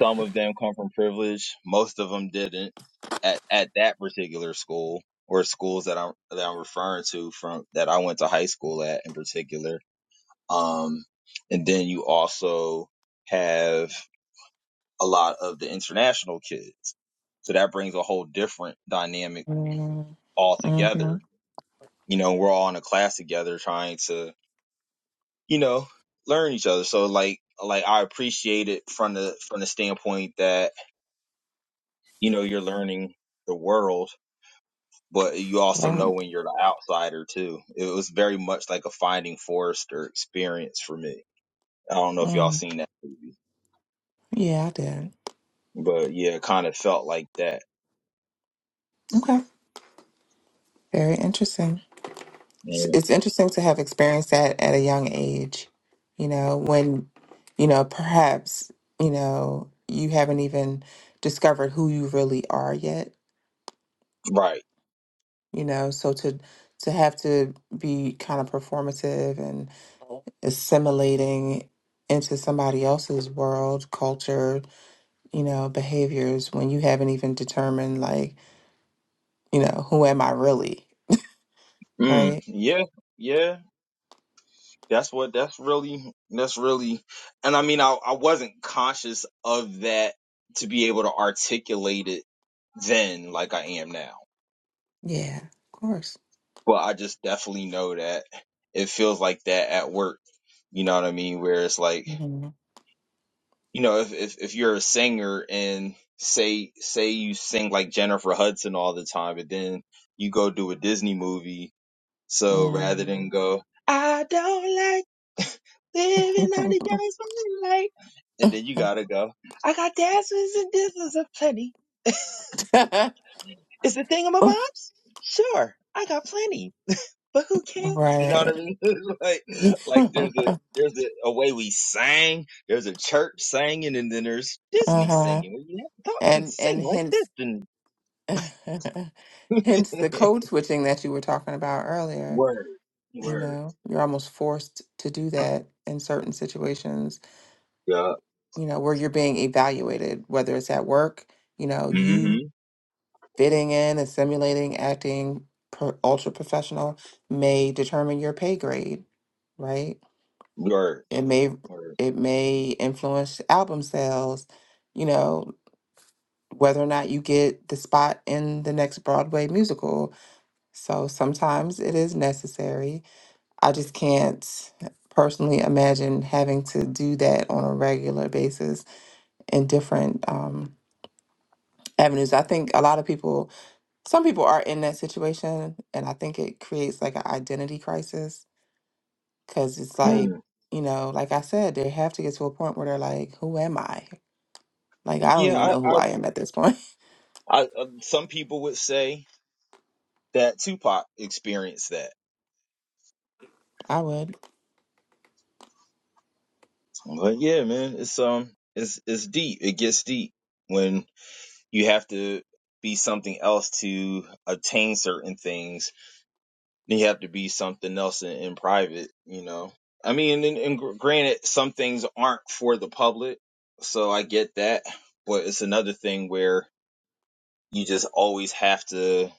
Some of them come from privilege. Most of them didn't at, at that particular school or schools that I'm, that I'm referring to from that I went to high school at in particular. Um, and then you also have a lot of the international kids. So that brings a whole different dynamic
Mm-hmm. Mm-hmm.
altogether. You know, we're all in a class together trying to, you know, learn each other. So like, like I appreciate it from the, from the standpoint that you know you're learning the world but you also know
Right.
when you're the outsider too it was very much like a finding forrester experience for me i don't know if y'all
Mm.
seen that
yeah i did
but yeah it kind of felt like that
okay very interesting it's
Mm.
it's interesting to have experienced that at a young age, you know, when, you know, perhaps, you know, you haven't even discovered who you really are yet,
right
you know, so to to have to be kind of performative and assimilating into somebody else's world, culture, you know, behaviors when you haven't even determined like, you know, who am I really,
mm,
right?
yeah yeah that's what that's really that's really and i mean I, I wasn't conscious of that to be able to articulate it then like i am now
Yeah, of course.
but i just definitely know that it feels like that at work you know what I mean? Where it's like
Mhm.
you know, if, if if you're a singer and say say you sing like Jennifer Hudson all the time, and then you go do a Disney movie, so rather than go, I don't like living under
Mhm.
your light, and then you gotta go, I got dancers and dancers of plenty. Is the thing bobs? Sure, I got plenty. but who cares? You know what
Right.
I mean? It's like, like there's a there's a, a way we sang. There's a church singing, and then there's Disney
Uh-huh.
singing. where you have to talk and
And
sing
and
like this.
hence
And
hence the code switching that you were talking about earlier.
word,
You
word,
know, you're almost forced to do that in certain situations,
yeah,
you know, where you're being evaluated, whether it's at work, you know, you
mm-hmm.
fitting in and simulating acting pro ultra professional may determine your pay grade, right?
word,
It may
word.
it may influence album sales, you know, whether or not you get the spot in the next Broadway musical. So sometimes it is necessary. I just can't personally imagine having to do that on a regular basis in different um, avenues. I think a lot of people, some people are in that situation, and I think it creates like an identity crisis because it's like,
Mm.
you know, like I said, they have to get to a point where they're like, who am I? Like, I don't
Yeah,
even
I,
know who
I,
I am at this point.
I, uh, some people would say that Tupac experienced that.
I would.
I'm like, yeah, man, it's um, it's it's deep. It gets deep when you have to be something else to attain certain things you have to be something else in, in private, you know. I mean, and, and granted, some things aren't for the public, so I get that. But it's another thing where you just always have to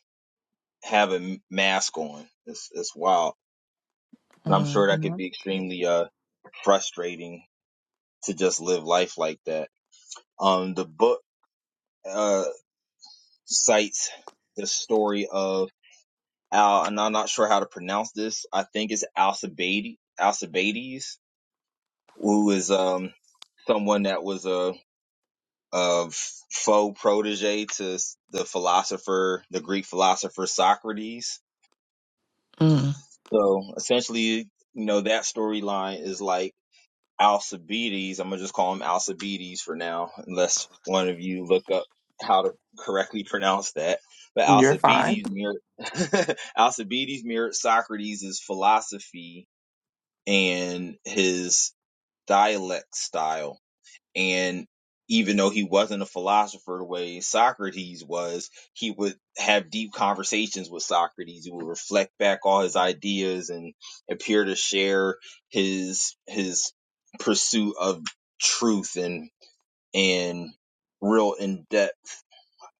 have a mask on. It's it's wild, and I'm sure that could
hmm
be extremely uh frustrating to just live life like that. Um, the book uh cites the story of Al, and I'm not sure how to pronounce this. I think it's Alcibiades. Alcibiades who is um, someone that was a, a faux protege to the philosopher, the Greek philosopher Socrates. So essentially, you know, that storyline is like Alcibiades. I'm gonna just call him Alcibiades for now, unless one of you look up how to correctly pronounce that. But
You're fine.
Alcibiades mirrored Alcibiades mirrored Socrates' philosophy and his dialect style and even though he wasn't a philosopher the way Socrates was, he would have deep conversations with Socrates. He would reflect back all his ideas and appear to share his his pursuit of truth and and real in depth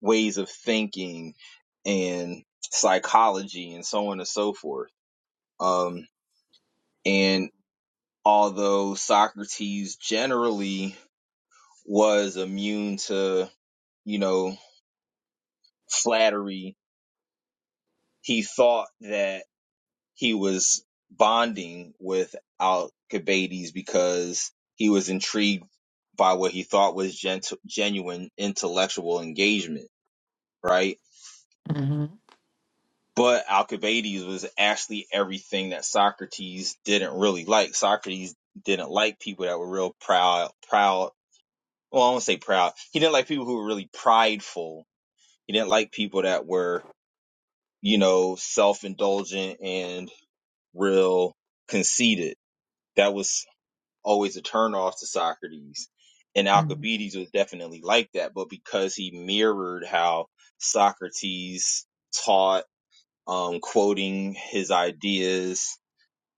ways of thinking and psychology and so on and so forth. Um, and although Socrates generally was immune to you know, flattery. He thought that he was bonding with Alcibiades because he was intrigued by what he thought was gent- genuine intellectual engagement, right?
hmm
But Alcibiades was actually everything that Socrates didn't really like. Socrates didn't like people that were real proud, proud. Well, I won't say proud. He didn't like people who were really prideful. He didn't like people that were, you know, self-indulgent and real conceited. That was always a turnoff to Socrates. And
hmm
Alcibiades was definitely like that, but because he mirrored how Socrates taught, um, quoting his ideas,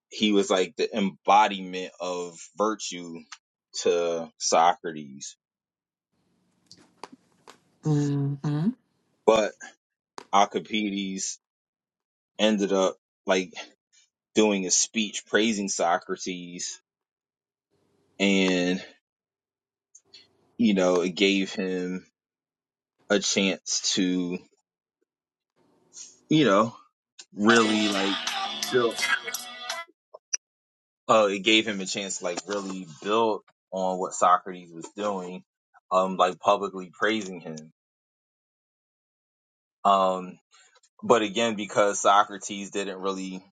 he was like the embodiment of virtue to Socrates. But Alcibiades ended up like doing a speech praising Socrates and, you know, it gave him a chance to, you know, really like build. Uh, it gave him a chance to like really build on what Socrates was doing, um, like publicly praising him. Um, but again, because Socrates didn't really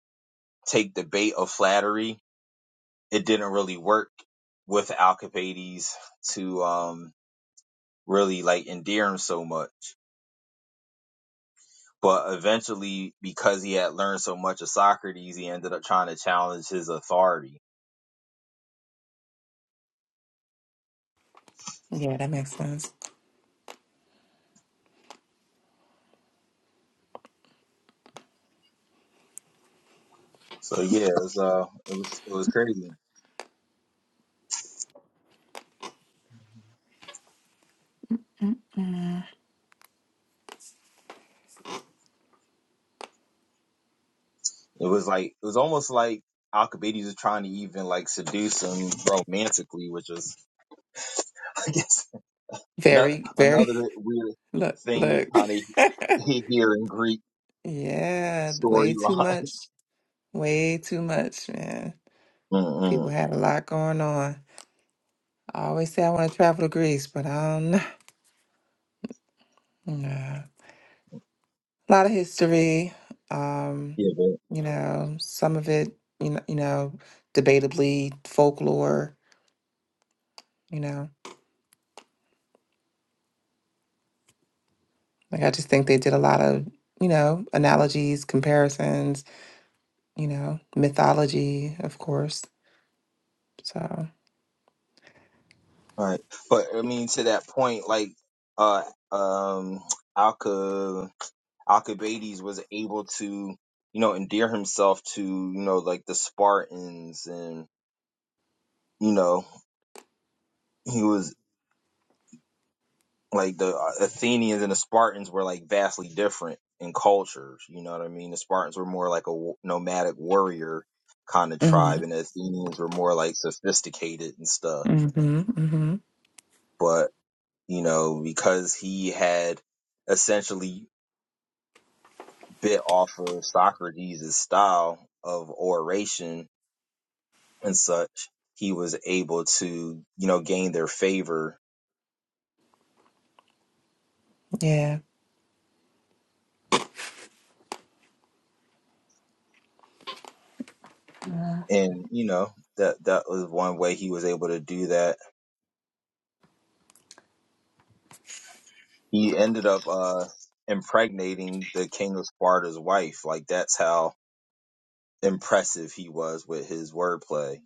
take the bait of flattery, it didn't really work with Alcibiades to um really like endear him so much. But eventually, because he had learned so much of Socrates, he ended up trying to challenge his authority
Yeah, that makes sense.
So yeah, it was uh, it was it was crazy. It was like it was almost like Alcibiades was trying to even like seduce him romantically, which was I guess no,
Very, very.
another weird
Look,
thing you
look.
kind of he- hear in Greek
yeah, way too
storyline.
much. Way too much, man.
Mm-mm.
People had a lot going on. I always say I want to travel to Greece, but I don't know. Nah. A lot of history. Um,
Yeah, but
you know, some of it, you know, you know, debatably folklore. You know, like I just think they did a lot of, you know, analogies, comparisons you know, mythology, of course. So,
right. But I mean, to that point, like uh, um, Alca Alcibiades was able to you know endear himself to you know like the Spartans and you know he was like the uh, Athenians and the Spartans were like vastly different in cultures. You know what I mean? The Spartans were more like a w- nomadic warrior kind of
hmm
tribe, and the Athenians were more like sophisticated and stuff.
hmm hmm
But you know, because he had essentially bit off of Socrates' style of oration and such, he was able to you know gain their favor,
yeah,
and you know that that was one way he was able to do that he ended up uh impregnating the king of Sparta's wife. Like that's how impressive he was with his wordplay.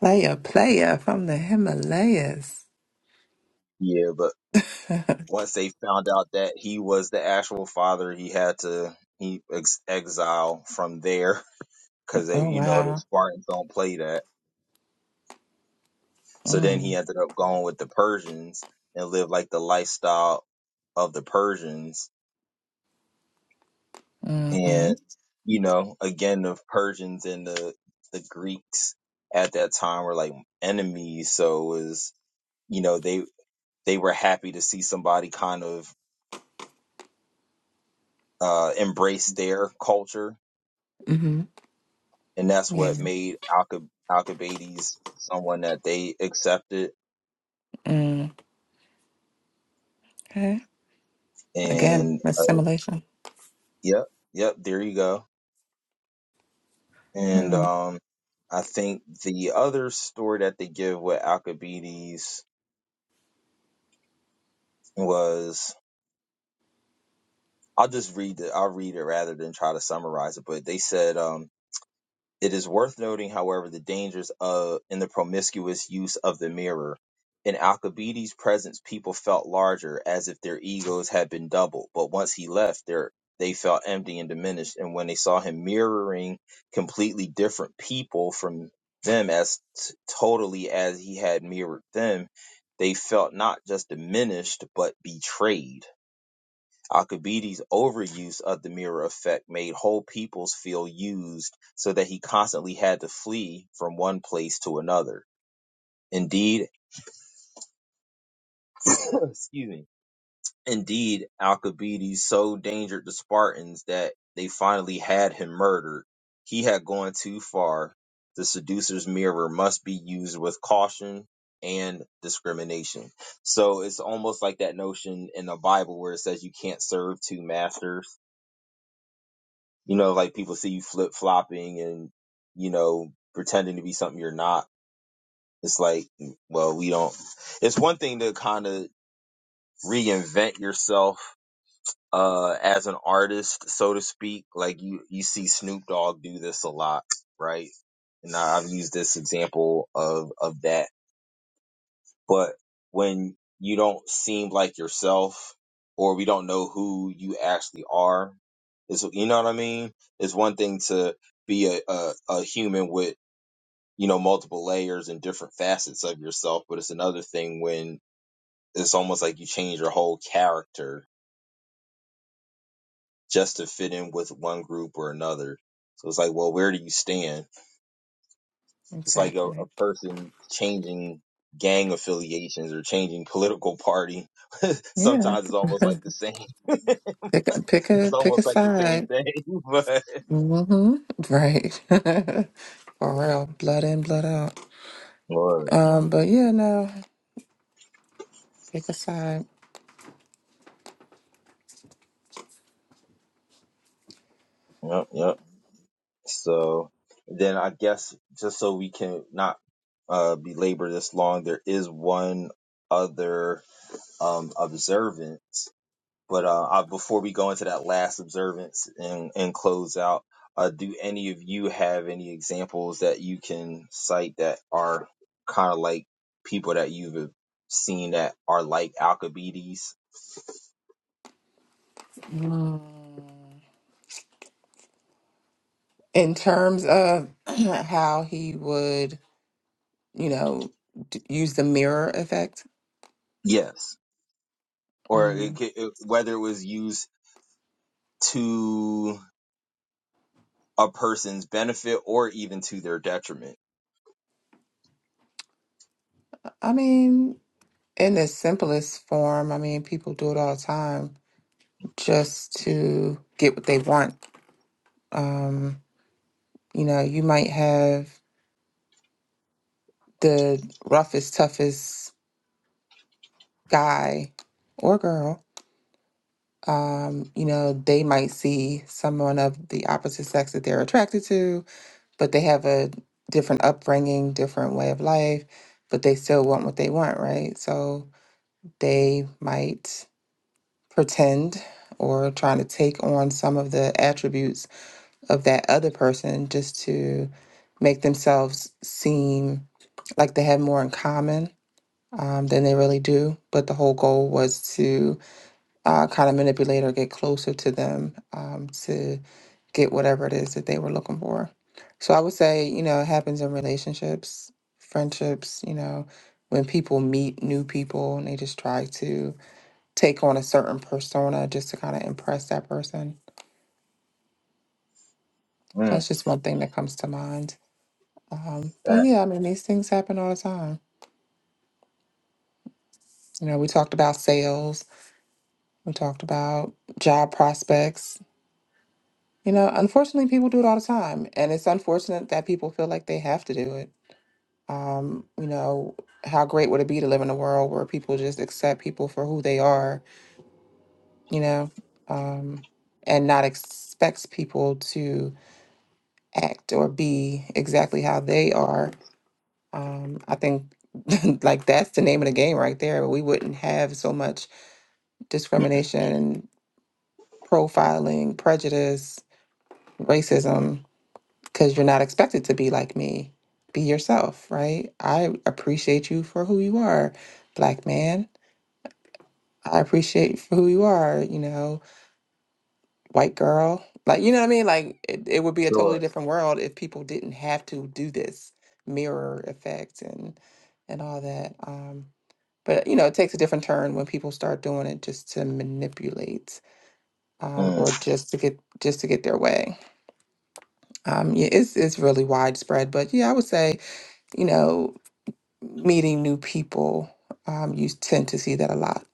player, player from the Himalayas.
Yeah, but
oh
once they found out that he was the actual father, he had to he ex- exile from there because they, you know, the
wow.
Spartans don't play that. So then he
Mm,
ended up going with the Persians and lived like the lifestyle of the Persians
mm-hmm,
and you know again the persians and the the greeks at that time were like enemies so it was you know they they were happy to see somebody kind of uh embrace their culture
mm-hmm,
and that's what
yeah.
made Alcib- alcibiades someone that they accepted
Mm, okay. Again,
and uh,
assimilation.
yep yep there you go and
Hmm.
um i think the other story that they give with alcibiades was I'll just read it. I'll read it rather than try to summarize it. But they said um, it is worth noting, however, the dangers of in the promiscuous use of the mirror. In Alcibiades' presence, people felt larger, as if their egos had been doubled. But once he left, their they felt empty and diminished. And when they saw him mirroring completely different people from them, as t- totally as he had mirrored them, they felt not just diminished but betrayed Alcibiades' overuse of the mirror effect made whole peoples feel used so that he constantly had to flee from one place to another. Indeed, excuse me. Indeed, Alcibiades so endangered the Spartans that they finally had him murdered. He had gone too far. The seducer's mirror must be used with caution and discrimination. So it's almost like that notion in the Bible where it says you can't serve two masters You know, like people see you flip flopping and, you know, pretending to be something you're not. It's like, "Mm, well, we don't. It's one thing to kind of reinvent yourself uh as an artist so to speak like you you see Snoop Dogg do this a lot right and I- I've used this example of of that But when you don't seem like yourself or we don't know who you actually are, is you know what I mean? It's one thing to be a, a, a human with, you know, multiple layers and different facets of yourself, but it's another thing when it's almost like you change your whole character just to fit in with one group or another. So it's like, well, where do you stand? It's like a,
exactly.
a person changing gang affiliations or changing political party
Yeah.
Sometimes it's almost like the same. it's
Pick a pick a pick a
almost like the same
side.
thing.
Mm-hmm. Right. For real, blood in, blood out.
But Lord,
Um, but yeah, no, pick a side.
yep, yep. So then I guess just so we can not uh, belabor this long, there is one other um, observance. But uh, I, before we go into that last observance and, and close out, uh, do any of you have any examples that you can cite that are kind of like people that you've seen that are like Alcibiades?
Mm. in terms of how he would, you know, d- use the mirror effect,
Yes. or it,
mm,
ca- it, whether it was used to a person's benefit or even to their detriment.
I mean, in the simplest form, I mean, people do it all the time just to get what they want. Um, you know, you might have the roughest, toughest guy or girl. Um, you know, they might see someone of the opposite sex that they're attracted to but they have a different upbringing, different way of life, but they still want what they want, right? So they might pretend or trying to take on some of the attributes of that other person just to make themselves seem like they have more in common um, than they really do. But the whole goal was to uh, kind of manipulate or get closer to them um, to get whatever it is that they were looking for. So I would say, you know, it happens in relationships, friendships, you know, when people meet new people and they just try to take on a certain persona just to kind of impress that person. So
Mm,
that's just one thing that comes to mind. Um, but
that
yeah, I mean, these things happen all the time. You know, we talked about sales, we talked about job prospects, You know, unfortunately, people do it all the time, and it's unfortunate that people feel like they have to do it. Um, you know, how great would it be to live in a world where people just accept people for who they are, you know, um, and not expects people to act or be exactly how they are. Um, I think like that's the name of the game right there. We wouldn't have so much discrimination, profiling, prejudice, racism because you're not expected to be like me. Be yourself, right? I appreciate you for who you are, black man. I appreciate you for who you are, you know, white girl. Like, you know what I mean? Like, it, it would be a totally
sure,
different world if people didn't have to do this mirror effect and and all that. Um, but you know, it takes a different turn when people start doing it just to manipulate um,
mm,
or just to get just to get their way. Um, yeah, it's it's really widespread. But yeah, I would say you know. meeting new people, um, you tend to see that a lot.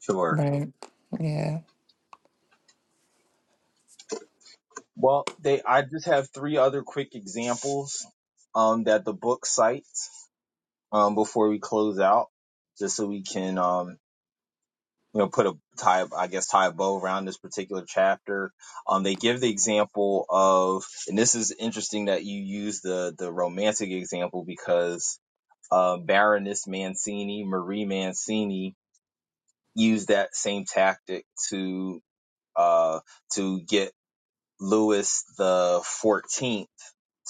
sure.
Right. Yeah.
Well, they. I just have three other quick examples um, that the book cites um, before we close out, just so we can um, you know put a tie, I guess, tie a bow around this particular chapter. Um, they give the example of, and this is interesting that you use the the romantic example because uh, Baroness Mancini, Marie Mancini, used that same tactic to uh, to get Louis the Fourteenth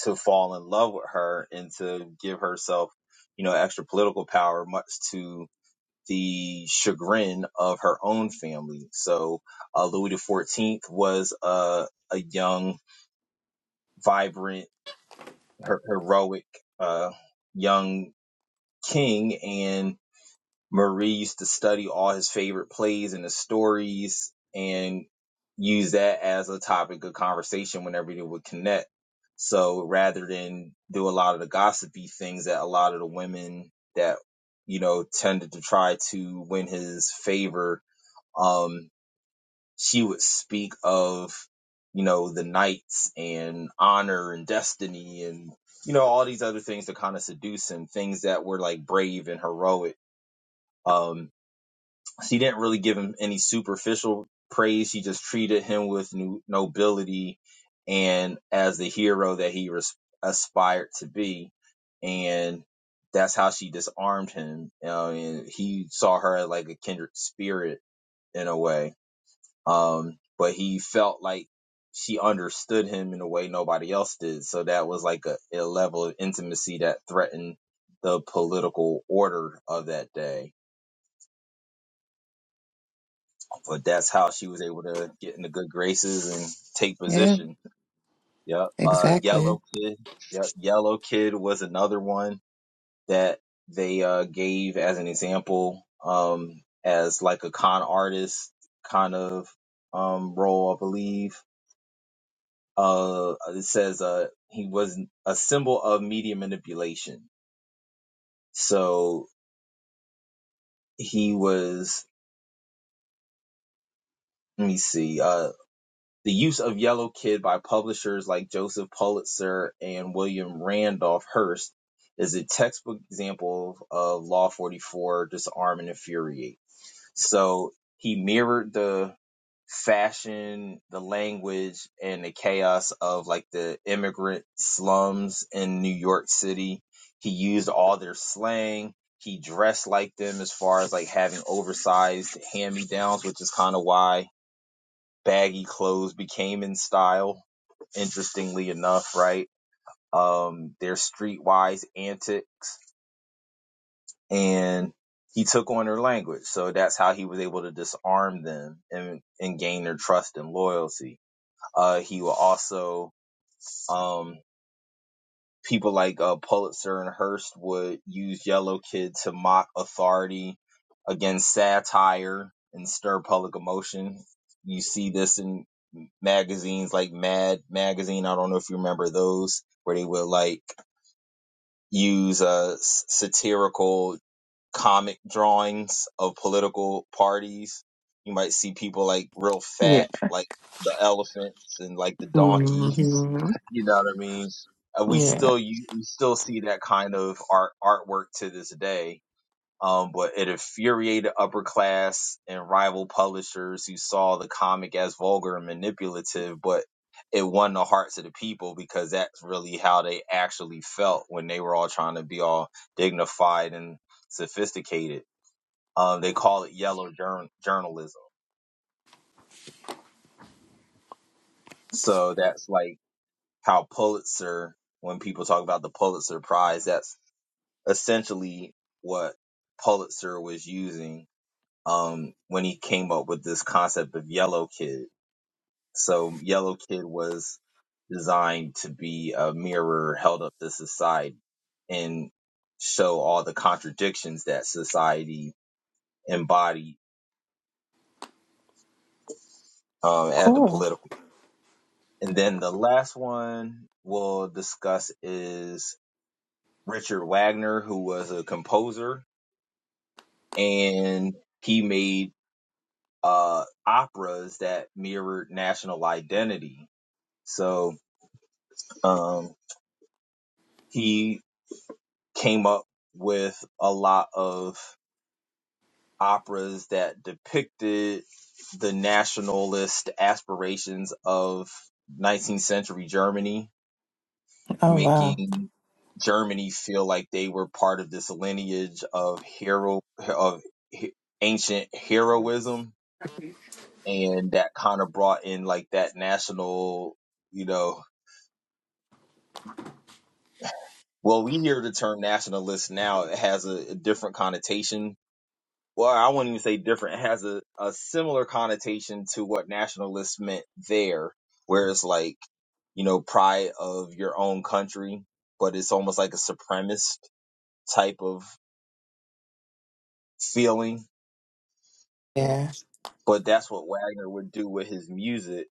to fall in love with her and to give herself, you know, extra political power, much to the chagrin of her own family. So uh, Louis the Fourteenth was a a young, vibrant, her- heroic, uh, young king, and Marie used to study all his favorite plays and his stories and use that as a topic of conversation whenever they would connect. So rather than do a lot of the gossipy things that a lot of the women that, you know, tended to try to win his favor, um, she would speak of, you know, the knights and honor and destiny and, you know, all these other things to kind of seduce him, things that were like brave and heroic. Um, she didn't really give him any superficial praise. She just treated him with no, nobility and as the hero that he res- aspired to be. And that's how she disarmed him. Uh, and he saw her like a kindred spirit in a way. Um, but he felt like she understood him in a way nobody else did. So that was like a, a level of intimacy that threatened the political order of that day but that's how she was able to get in the good graces and take
Yeah.
position. Yep. Uh,
Exactly.
Yellow Kid. Yep. Yellow Kid was another one that they uh, gave as an example, um, as like a con artist kind of um, role, I believe. Uh, it says uh, he was a symbol of media manipulation. So he was. Let me see. Uh. The use of Yellow Kid by publishers like Joseph Pulitzer and William Randolph Hearst is a textbook example of Law 44 disarm and infuriate. So he mirrored the fashion, the language, and the chaos of like the immigrant slums in New York City. He used all their slang. He dressed like them as far as like having oversized hand me downs, which is kind of why baggy clothes became in style, interestingly enough, right? Um, their streetwise antics, and he took on their language. So that's how he was able to disarm them and, and gain their trust and loyalty. Uh, he will also, um, people like uh, Pulitzer and Hearst would use Yellow Kid to mock authority against satire and stir public emotion. You see this in magazines like Mad Magazine. I don't know if you remember those, where they would like use uh, satirical comic drawings of political parties. You might see people like real
Yeah.
fat, like the elephants and like the donkey
hmm
You know what I mean? And we
Yeah.
still you, we still see that kind of art artwork to this day. Um, but it infuriated upper class and rival publishers who saw the comic as vulgar and manipulative, but it won the hearts of the people because that's really how they actually felt when they were all trying to be all dignified and sophisticated. Um, they call it yellow jour- journalism. So that's like how Pulitzer when people talk about the Pulitzer Prize, that's essentially what Pulitzer was using um, when he came up with this concept of Yellow Kid. So Yellow Kid was designed to be a mirror held up to society and show all the contradictions that society embodied um, at the
Cool.
political. And then the last one we'll discuss is Richard Wagner, who was a composer and he made uh, operas that mirrored national identity. So um, he came up with a lot of operas that depicted the nationalist aspirations of 19th century Germany,
Oh wow.
making Germany feel like they were part of this lineage of hero of he- ancient heroism, and that kind of brought in like that national, you know, Well, we hear the term nationalist now. It has a, a different connotation. Well, I wouldn't even say different. It has a, a similar connotation to what nationalist meant there, where it's like, you know, pride of your own country, but it's almost like a supremacist type of feeling.
Yeah.
But that's what Wagner would do with his music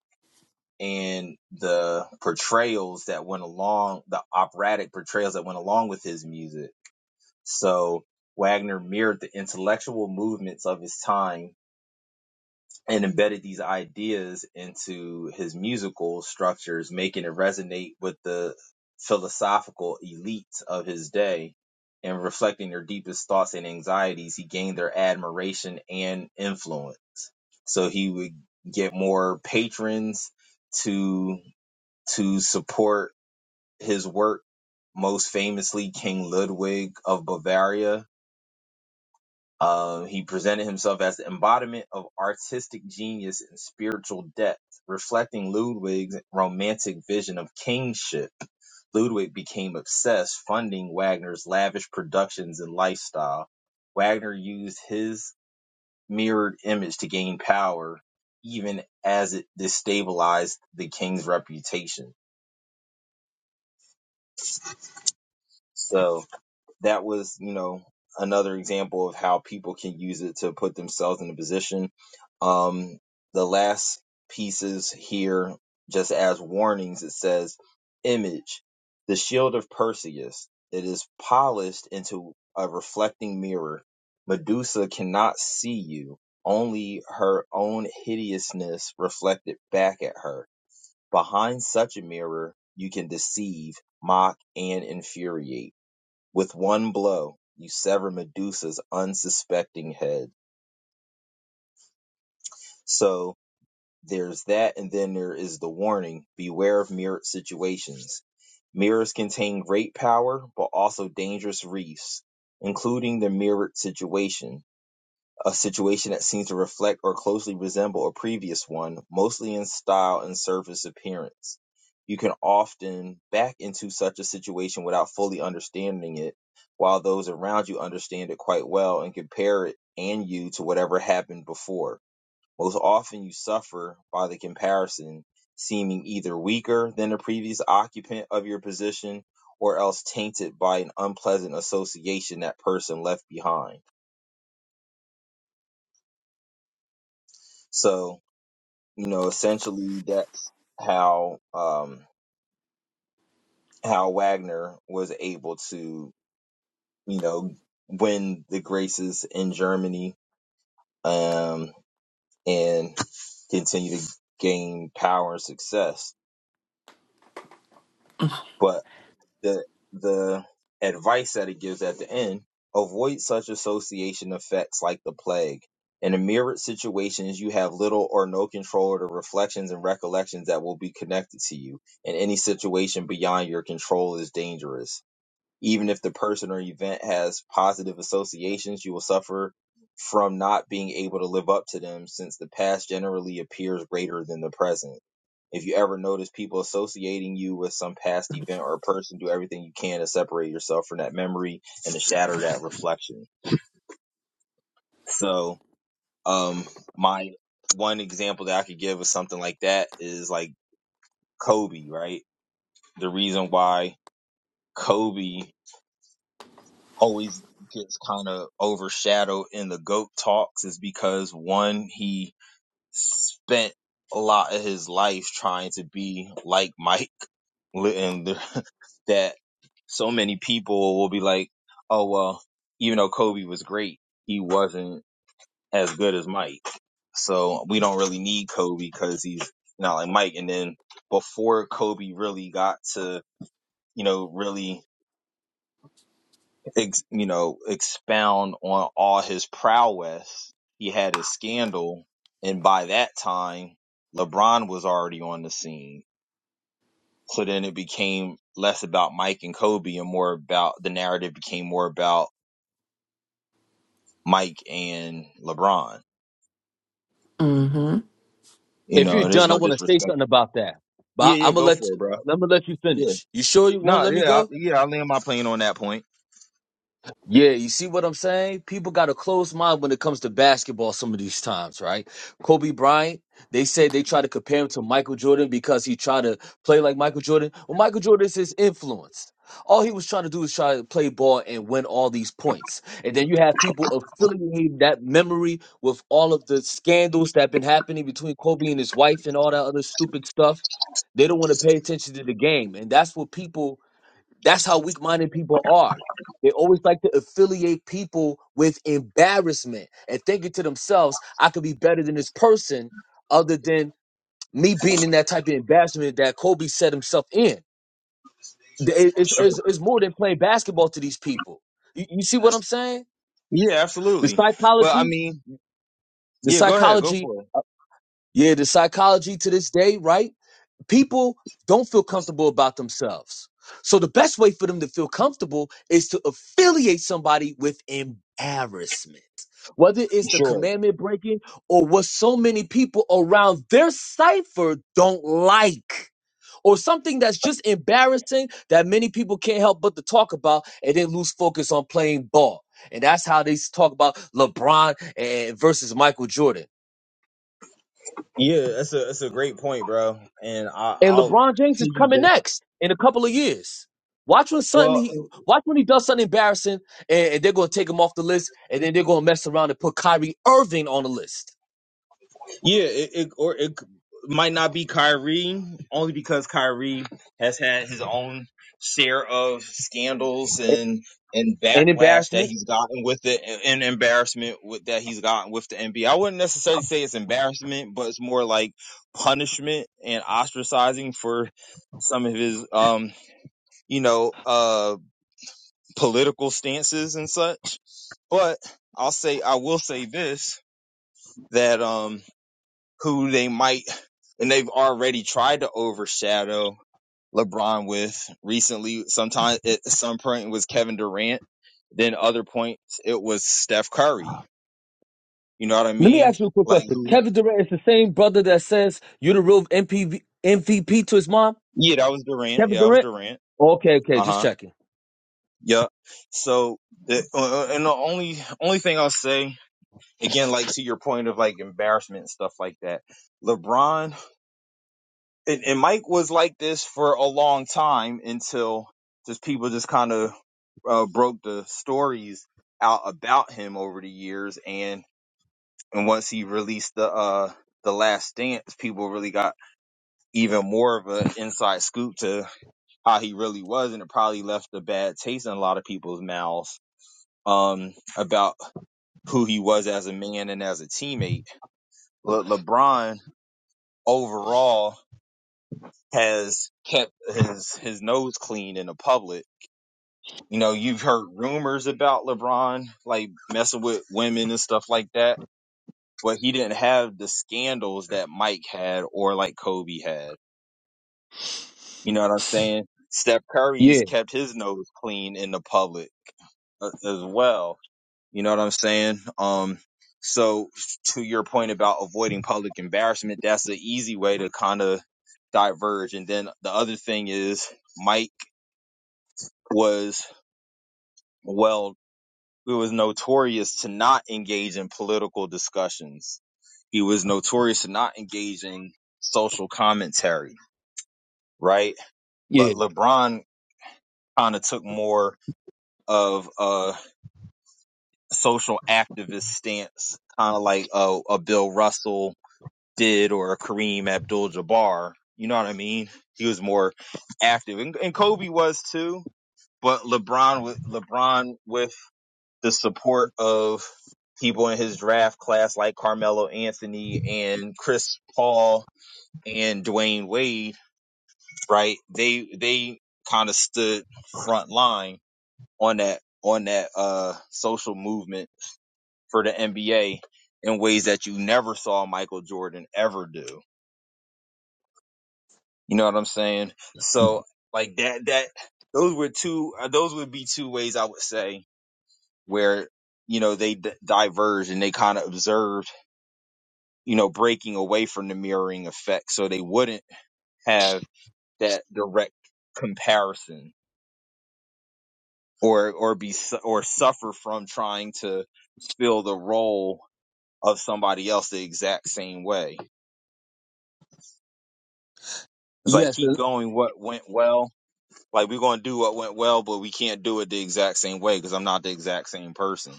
and the portrayals that went along, the operatic portrayals that went along with his music So Wagner mirrored the intellectual movements of his time and embedded these ideas into his musical structures, making it resonate with the philosophical elites of his day. And reflecting their deepest thoughts and anxieties, he gained their admiration and influence. So he would get more patrons to to support his work. Most famously, King Ludwig of Bavaria, Uh, he presented himself as the embodiment of artistic genius and spiritual depth, reflecting Ludwig's romantic vision of kingship. Ludwig became obsessed, funding Wagner's lavish productions and lifestyle. Wagner used his mirrored image to gain power, even as it destabilized the king's reputation. So, that was, you know, another example of how people can use it to put themselves in a position. Um, the last pieces here, just as warnings, it says, Image, the shield of Perseus. It is polished into a reflecting mirror. Medusa cannot see you, only her own hideousness reflected back at her. Behind such a mirror, you can deceive, mock, and infuriate with one blow, you sever Medusa's unsuspecting head. So there's that, and then there is the warning beware of mirrored situations. Mirrors contain great power, but also dangerous reefs, including the mirrored situation. a situation that seems to reflect or closely resemble a previous one, mostly in style and surface appearance. You can often back into such a situation without fully understanding it, while those around you understand it quite well and compare it and you to whatever happened before. Most often, you suffer by the comparison, seeming either weaker than the previous occupant of your position or else tainted by an unpleasant association that person left behind. So, you know essentially that's how um how wagner was able to you know win the graces in germany um and continue to gain power and success but. the the advice that it gives at the end avoid such association effects like the plague in the mirrored situations you have little or no control of the reflections and recollections that will be connected to you and any situation beyond your control is dangerous even if the person or event has positive associations you will suffer from not being able to live up to them since the past generally appears greater than the present if you ever notice people associating you with some past event or person, do everything you can to separate yourself from that memory and to shatter that reflection. So, um, my one example that I could give of something like that is like Kobe, right? The reason why Kobe always gets kind of overshadowed in the GOAT talks is because one, he spent a lot of his life trying to be like Mike li- and the- that so many people will be like, oh well, even though Kobe was great, he wasn't as good as Mike. So we don't really need Kobe because he's not like Mike. And then before Kobe really got to, you know, really, ex- you know, expound on all his prowess, he had his scandal. And by that time, LeBron was already on the scene So then it became less about Mike and Kobe and more about the narrative became more about Mike and LeBron.
hmm
You
If
know,
you're
and there's
done, I
no
want to say
disrespect.
something about that. But
Yeah, yeah,
I'm gonna
go
let
for it, bro.
I'm gonna let you
Yeah.
finish. You sure you won't
No,
let me
yeah, I,
go?
yeah, I land my plane on that point.
Yeah, you see what I'm saying? People got a closed mind when it comes to basketball some of these times, right? Kobe Bryant, they said they try to compare him to Michael Jordan because he tried to play like Michael Jordan. Well, Michael Jordan is his influence. All he was trying to do is try to play ball and win all these points. And then you have people affiliating that memory with all of the scandals that have been happening between Kobe and his wife and all that other stupid stuff. They don't want to pay attention to the game. And that's what people that's how weak minded people are. They always like to affiliate people with embarrassment and thinking to themselves, I could be better than this person other than me being in that type of embarrassment that Kobe set himself in. Th- it- It's,
Sure.
it's, it's more than playing basketball to these people. You, you see what I'm saying?
Yeah,
The
absolutely. But I
psychology,
mean,
the
yeah, go ahead, go
psychology,
for it.
yeah, the psychology to this day, right? people don't feel comfortable about themselves. So the best way for them to feel comfortable is to affiliate somebody with embarrassment. Whether it's the
Sure.
commandment breaking or what so many people around their cipher don't like. Or something that's just embarrassing that many people can't help but to talk about and then lose focus on playing ball. And that's how they talk about LeBron and versus Michael Jordan.
Yeah, that's a that's a great point, bro. And I,
And
I'll
LeBron James is coming
piggyback.
next in a couple of years. Watch when something
Well,
he watch when he does something embarrassing, and, and they're gonna take him off the list, and then they're gonna mess around and put Kyrie Irving on the list.
Yeah, it, it or it might not be Kyrie only because Kyrie has had his own share of scandals and and
An
backlash that
embarrassment.
he's gotten with it and, embarrassment with that he's gotten with the NBA. I wouldn't necessarily say it's embarrassment, but it's more like punishment and ostracizing for some of his um, you know, uh political stances and such. But I'll say I will say this that um who they might and they've already tried to overshadow LeBron with recently. Sometimes at some point it was Kevin Durant, then other points it was Steph Curry. You know what I
Let me
mean?
ask you a quick
Like
question.
who?
Kevin Durant is the same brother that says you're the real MPV, MVP to his mom.
Yeah, that was Durant.
Kevin
Yeah, that was
Durant.
Durant.
Okay, okay,
Uh
just
huh.
checking.
Yeah. So the uh, uh, and the only only thing I'll say again, like to your point of like embarrassment and stuff like that, LeBron and, and Mike was like this for a long time until just people just kind of uh, broke the stories out about him over the years, and and once he released the uh the Last Dance, people really got even more of an inside scoop to how he really was, and it probably left a bad taste in a lot of people's mouths um about who he was as a man and as a teammate. Le- LeBron overall has kept his his nose clean in the public. You know, you've heard rumors about LeBron like messing with women and stuff like that, but he didn't have the scandals that Mike had or like Kobe had. You know what I'm saying? Steph Curry's
Yeah,
kept his nose clean in the public a- as well. You know what I'm saying? Um so to your point about avoiding public embarrassment, that's an easy way to kind of diverge. And then the other thing is Mike was Well, he was notorious to not engage in political discussions. He was notorious to not engage in social commentary, right? But
yeah,
LeBron kind of took more of a social activist stance, kind of like a, a Bill Russell did or a Kareem Abdul-Jabbar. You know what I mean? He was more active, and, and Kobe was too. But LeBron, with LeBron with the support of people in his draft class like Carmelo Anthony and Chris Paul and Dwayne Wade, right? They they kind of stood front line on that on that uh social movement for the NBA in ways that you never saw Michael Jordan ever do. You know what I'm saying? So like that that those were two uh, those would be two ways I would say where you know they d- diverged and they kind of observed you know, breaking away from the mirroring effect. So they wouldn't have that direct comparison or, or be, su- or suffer from trying to fill the role of somebody else the exact same way. It's like
yes.
keep going what went well. Like we're going to do what went well, but we can't do it the exact same way because I'm not the exact same person.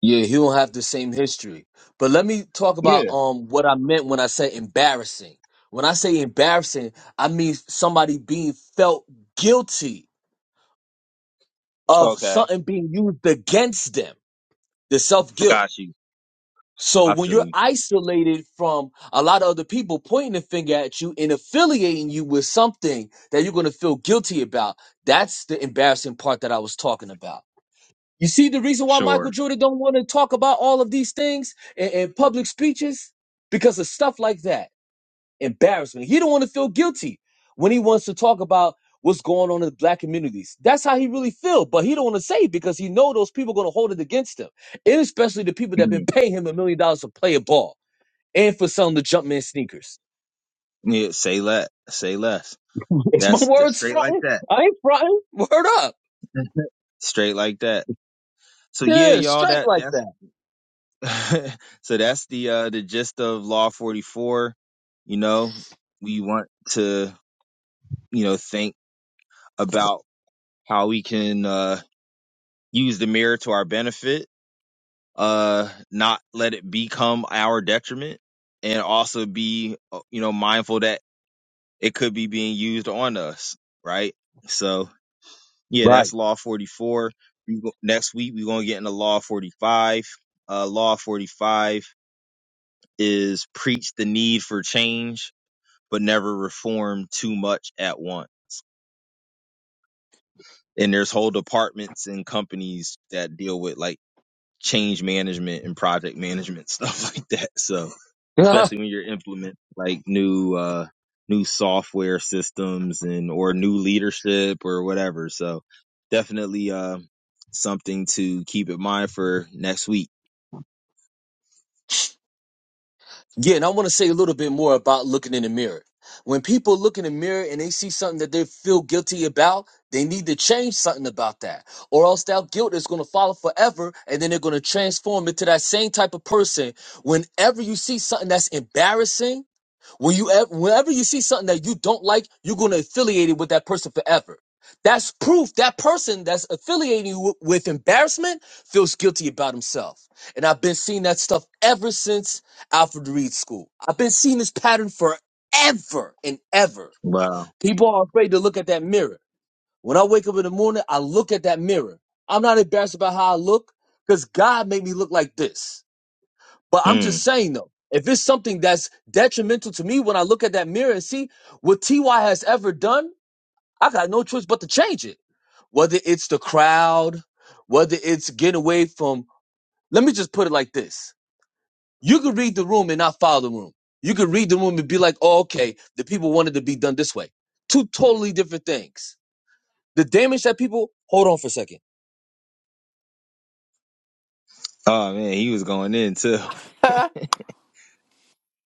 Yeah, he don't have the same history. But let me talk about
Yeah.
um what I meant when I said embarrassing. When I say embarrassing, I mean somebody being felt guilty of
Okay.
something being used against them, the self guilt.
Got you.
So
I
when
feel
you're
you.
isolated from a lot of other people pointing a finger at you and affiliating you with something that you're going to feel guilty about, that's the embarrassing part that I was talking about. You see the reason why Michael
Sure.
Jordan don't want to talk about all of these things in, in public speeches because of stuff like that, embarrassment. He don't want to feel guilty when he wants to talk about what's going on in the black communities. That's how he really feel, but he don't want to say it because he know those people going to hold it against him, and especially the people that been
Mhm.
paying him a million dollars to play a ball and for selling the Jumpman sneakers.
Yeah. Say less. Say less.
It's my
That's, that's
words
straight like
fronting.
that.
I ain't fronting. Word up.
straight like that. So yeah,
Yeah,
y'all,
straight
that
like
that's
that.
so that's the uh the gist of Law 44. You know, we want to, you know, think about how we can uh use the mirror to our benefit, uh not let it become our detriment and also be uh, you know mindful that it could be being used on us, right? So, yeah,
Right.
that's Law 44. We go- Next week we're going to get into Law 45. Uh Law 45 is preach the need for change, but never reform too much at once. And there's whole departments and companies that deal with like change management and project management stuff like that. So especially when you're implementing like new uh new software systems and or new leadership or whatever. So definitely uh something to keep in mind for next week.
Yeah, and I want to say a little bit more about looking in the mirror. When people look in the mirror and they see something that they feel guilty about, they need to change something about that, or else that guilt is going to follow forever, and then they're going to transform into that same type of person. Whenever you see something that's embarrassing, when you ever, whenever you see something that you don't like, you're going to affiliate it with that person forever. That's proof that person that's affiliating you with, with embarrassment feels guilty about himself. And I've been seeing that stuff ever since Alfred Reed School. I've been seeing this pattern forever and ever.
Wow.
People are afraid to look at that mirror. When I wake up in the morning, I look at that mirror. I'm not embarrassed about how I look because God made me look like this. But I'm
Mm.
just saying though, if it's something that's detrimental to me when I look at that mirror and see what TY has ever done, I got no choice but to change it. Whether it's the crowd, whether it's getting away from, let me just put it like this. You could read the room and not follow the room. You could read the room and be like, oh, okay, the people wanted to be done this way. Two totally different things. The damage that people, hold on for a second.
Oh man, he was going in too.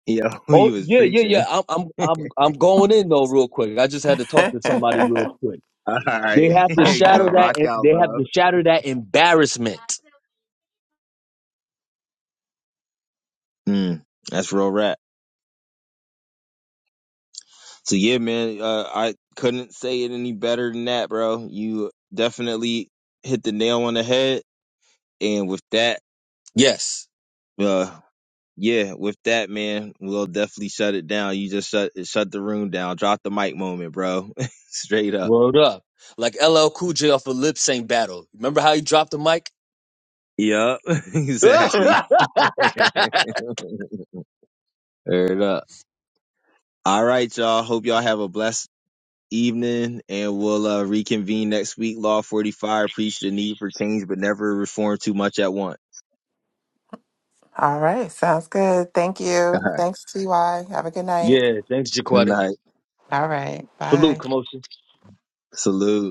Yeah, he
Oh
was
yeah, yeah,
preaching.
yeah. I'm, I'm, I'm, I'm going in though, real quick. I just had to talk to somebody real quick.
All right,
They have to shadow
good
that.
rock out,
They have
bro.
to shatter that embarrassment.
Mm, that's real rap. So yeah, man, uh, I couldn't say it any better than that, bro. You definitely hit the nail on the head, and with that,
Yes.
uh, yeah, with that, man, we'll definitely shut it down. You just shut shut the room down, drop the mic moment, bro. Straight up.
Word up. Like LL Cool J off a lip sync battle. Remember how he dropped the mic?
Yup,
yeah.
exactly. Heard up. All right, y'all. Hope y'all have a blessed. evening, and we'll uh, reconvene next week. Law 45 preached the need for change, but never reform too much at once.
All right. Sounds good. Thank
All
you.
right.
Thanks, Ty. Have a good night.
Thanks,
Good
Jaquetta.
night.
All right. Bye.
Salute, Kamosha.
Salute.